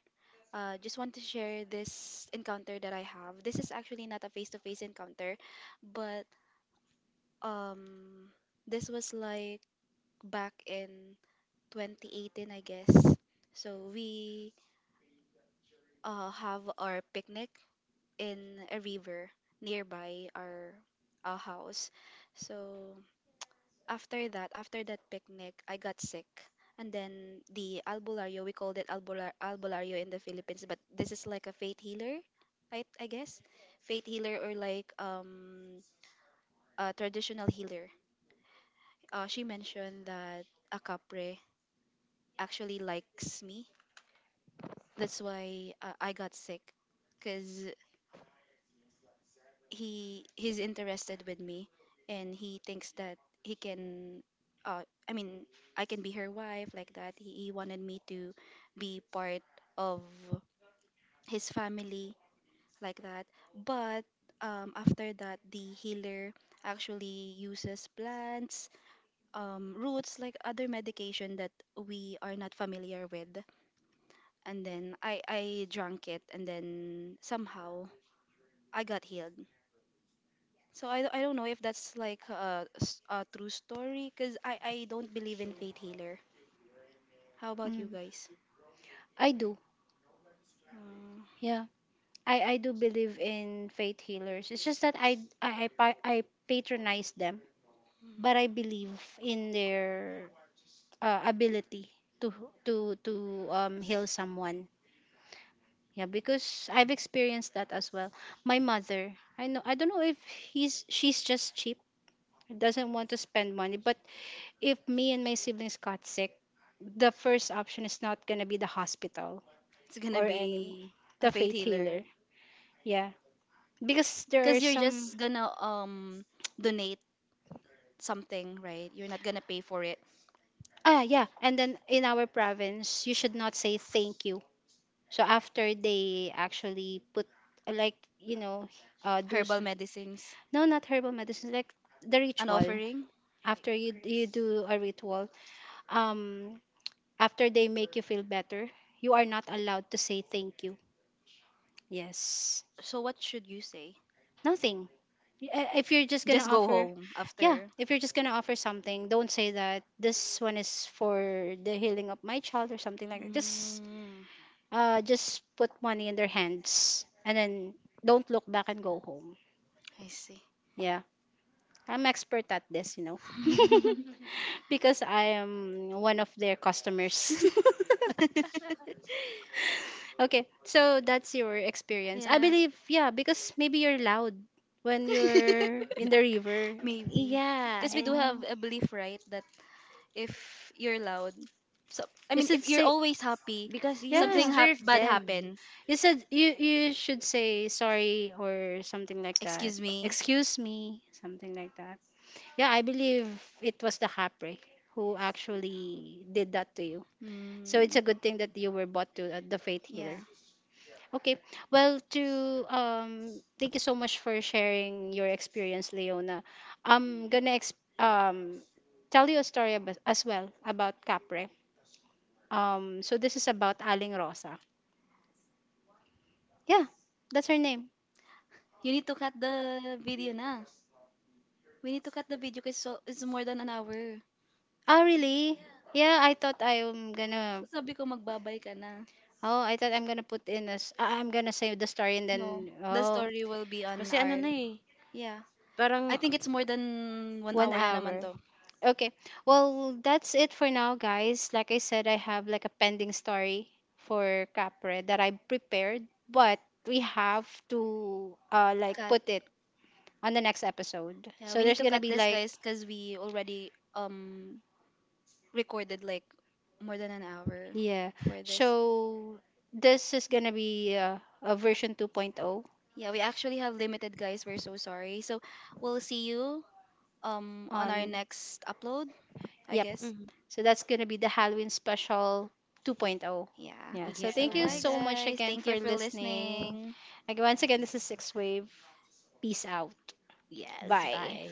[SPEAKER 1] Just want to share this encounter that I have. This is actually not a face-to-face encounter, but um, this was like back in 2018, I guess. So we, have our picnic in a river nearby our, house. So after that picnic, I got sick. And then the albulario, we called it albular, albulario in the Philippines, but this is like a faith healer, I guess. Faith healer or like, a traditional healer. She mentioned that a capre actually likes me. That's why, I got sick because he's interested with me, and he thinks that he can, uh I mean I can be her wife, like that he wanted me to be part of his family, like that, but after that, the healer actually uses plants, roots, like other medication that we are not familiar with, and then I drank it, and then somehow I got healed. So I don't know if that's like a true story, because I don't believe in fate healer. How about you
[SPEAKER 2] Mm.
[SPEAKER 1] guys?
[SPEAKER 2] I do.
[SPEAKER 1] Uh,
[SPEAKER 2] Yeah. I do believe in faith healers. It's just that I patronize them, but
[SPEAKER 1] mm,
[SPEAKER 2] I believe in their ability to to heal someone. Yeah, because I've experienced that as well. My mother, I know, I don't know if he's she's just cheap, doesn't want to spend money, but if me and my siblings got sick, the first option is not going to be the hospital
[SPEAKER 1] it's gonna
[SPEAKER 2] or any,
[SPEAKER 1] be a
[SPEAKER 2] the
[SPEAKER 1] fate
[SPEAKER 2] faith healer.
[SPEAKER 1] healer
[SPEAKER 2] Yeah, because there are
[SPEAKER 1] because you're
[SPEAKER 2] some.
[SPEAKER 1] just gonna donate something, right? You're not gonna pay for it.
[SPEAKER 2] Ah, yeah. And then in our province, you should not say thank you. So after they actually put like, you know, uh do s-
[SPEAKER 1] Herbal medicines,
[SPEAKER 2] no, not herbal medicine, like the
[SPEAKER 1] an
[SPEAKER 2] ritual.
[SPEAKER 1] offering.
[SPEAKER 2] After you do a ritual, um after they make you feel better, you are not allowed to say thank you. Yes.
[SPEAKER 1] So what should you say?
[SPEAKER 2] Nothing. If you're just gonna
[SPEAKER 1] Just go
[SPEAKER 2] offer,
[SPEAKER 1] home
[SPEAKER 2] yeah,
[SPEAKER 1] after.
[SPEAKER 2] if you're just gonna offer something, don't say that this one is for the healing of my child or something like that. Just
[SPEAKER 1] Mm,
[SPEAKER 2] just put money in their hands and then don't look back and go home.
[SPEAKER 1] I see.
[SPEAKER 2] Yeah, I'm expert at this, you know. Because I am one of their customers. Okay, so that's your experience, I
[SPEAKER 1] Yeah.
[SPEAKER 2] believe. Yeah, because maybe you're loud when you're in the river.
[SPEAKER 1] Maybe.
[SPEAKER 3] Yeah,
[SPEAKER 1] Because we
[SPEAKER 3] and
[SPEAKER 1] do have
[SPEAKER 2] Yeah.
[SPEAKER 1] a belief, right, that if you're loud, so I
[SPEAKER 2] You
[SPEAKER 1] mean,
[SPEAKER 2] should
[SPEAKER 1] if you're
[SPEAKER 2] say,
[SPEAKER 1] always happy,
[SPEAKER 3] because you
[SPEAKER 1] something
[SPEAKER 2] yeah,
[SPEAKER 1] hap
[SPEAKER 3] disturb
[SPEAKER 1] bad
[SPEAKER 3] them.
[SPEAKER 1] happen.
[SPEAKER 2] you said you should say sorry or something like that.
[SPEAKER 1] Excuse me.
[SPEAKER 2] Excuse me, something like that. Yeah, I believe it was the Hapre who actually did that to you.
[SPEAKER 1] Mm,
[SPEAKER 2] So it's a good thing that you were brought to the faith healer.
[SPEAKER 1] yeah.
[SPEAKER 2] Okay. Well, to thank you so much for sharing your experience, Leona. I'm going to tell you a story about, as well, about Capre. Um, so this is about Aling Rosa. Yeah, that's her name.
[SPEAKER 1] You need to cut the video na. We need to cut the video cause so, it's more than an hour.
[SPEAKER 2] Oh, really? Yeah, I thought I'm gonna.
[SPEAKER 1] Sabi ko magbabay ka na.
[SPEAKER 2] Oh, I thought I'm gonna put in as. I'm gonna say the story and
[SPEAKER 1] No,
[SPEAKER 2] then.
[SPEAKER 1] the
[SPEAKER 2] Oh.
[SPEAKER 1] story will be
[SPEAKER 3] Kasi
[SPEAKER 1] on
[SPEAKER 3] ano
[SPEAKER 1] our,
[SPEAKER 3] na eh,
[SPEAKER 1] yeah.
[SPEAKER 3] parang.
[SPEAKER 1] I think it's more than one
[SPEAKER 2] One
[SPEAKER 1] hour na naman
[SPEAKER 2] hour.
[SPEAKER 1] to.
[SPEAKER 2] Okay. Well, that's it for now, guys. Like I said, I have like a pending story for Capre that I prepared, but we have to
[SPEAKER 1] Cut.
[SPEAKER 2] like put it on the next episode.
[SPEAKER 1] Yeah, we
[SPEAKER 2] So
[SPEAKER 1] need
[SPEAKER 2] there's
[SPEAKER 1] to
[SPEAKER 2] gonna
[SPEAKER 1] cut
[SPEAKER 2] be
[SPEAKER 1] this,
[SPEAKER 2] like
[SPEAKER 1] guys, because we already recorded like more than an hour
[SPEAKER 2] yeah.
[SPEAKER 1] for this.
[SPEAKER 2] So this is gonna be a version 2.0
[SPEAKER 1] Yeah, we actually have limited, guys. We're so sorry. So we'll see you on
[SPEAKER 2] on.
[SPEAKER 1] our next upload, I
[SPEAKER 2] Yep.
[SPEAKER 1] guess.
[SPEAKER 3] Mhm.
[SPEAKER 2] So that's going to be the Halloween special 2.0.
[SPEAKER 1] Yeah.
[SPEAKER 2] Yeah. So
[SPEAKER 1] So
[SPEAKER 2] thank you
[SPEAKER 1] bye,
[SPEAKER 3] Yes.
[SPEAKER 2] so much
[SPEAKER 1] guys.
[SPEAKER 2] again
[SPEAKER 1] Thank you
[SPEAKER 2] for
[SPEAKER 1] for
[SPEAKER 2] listening.
[SPEAKER 1] listening.
[SPEAKER 2] Again, once again, this is Six Wave. Peace out.
[SPEAKER 3] Yes.
[SPEAKER 2] Bye.
[SPEAKER 3] Bye.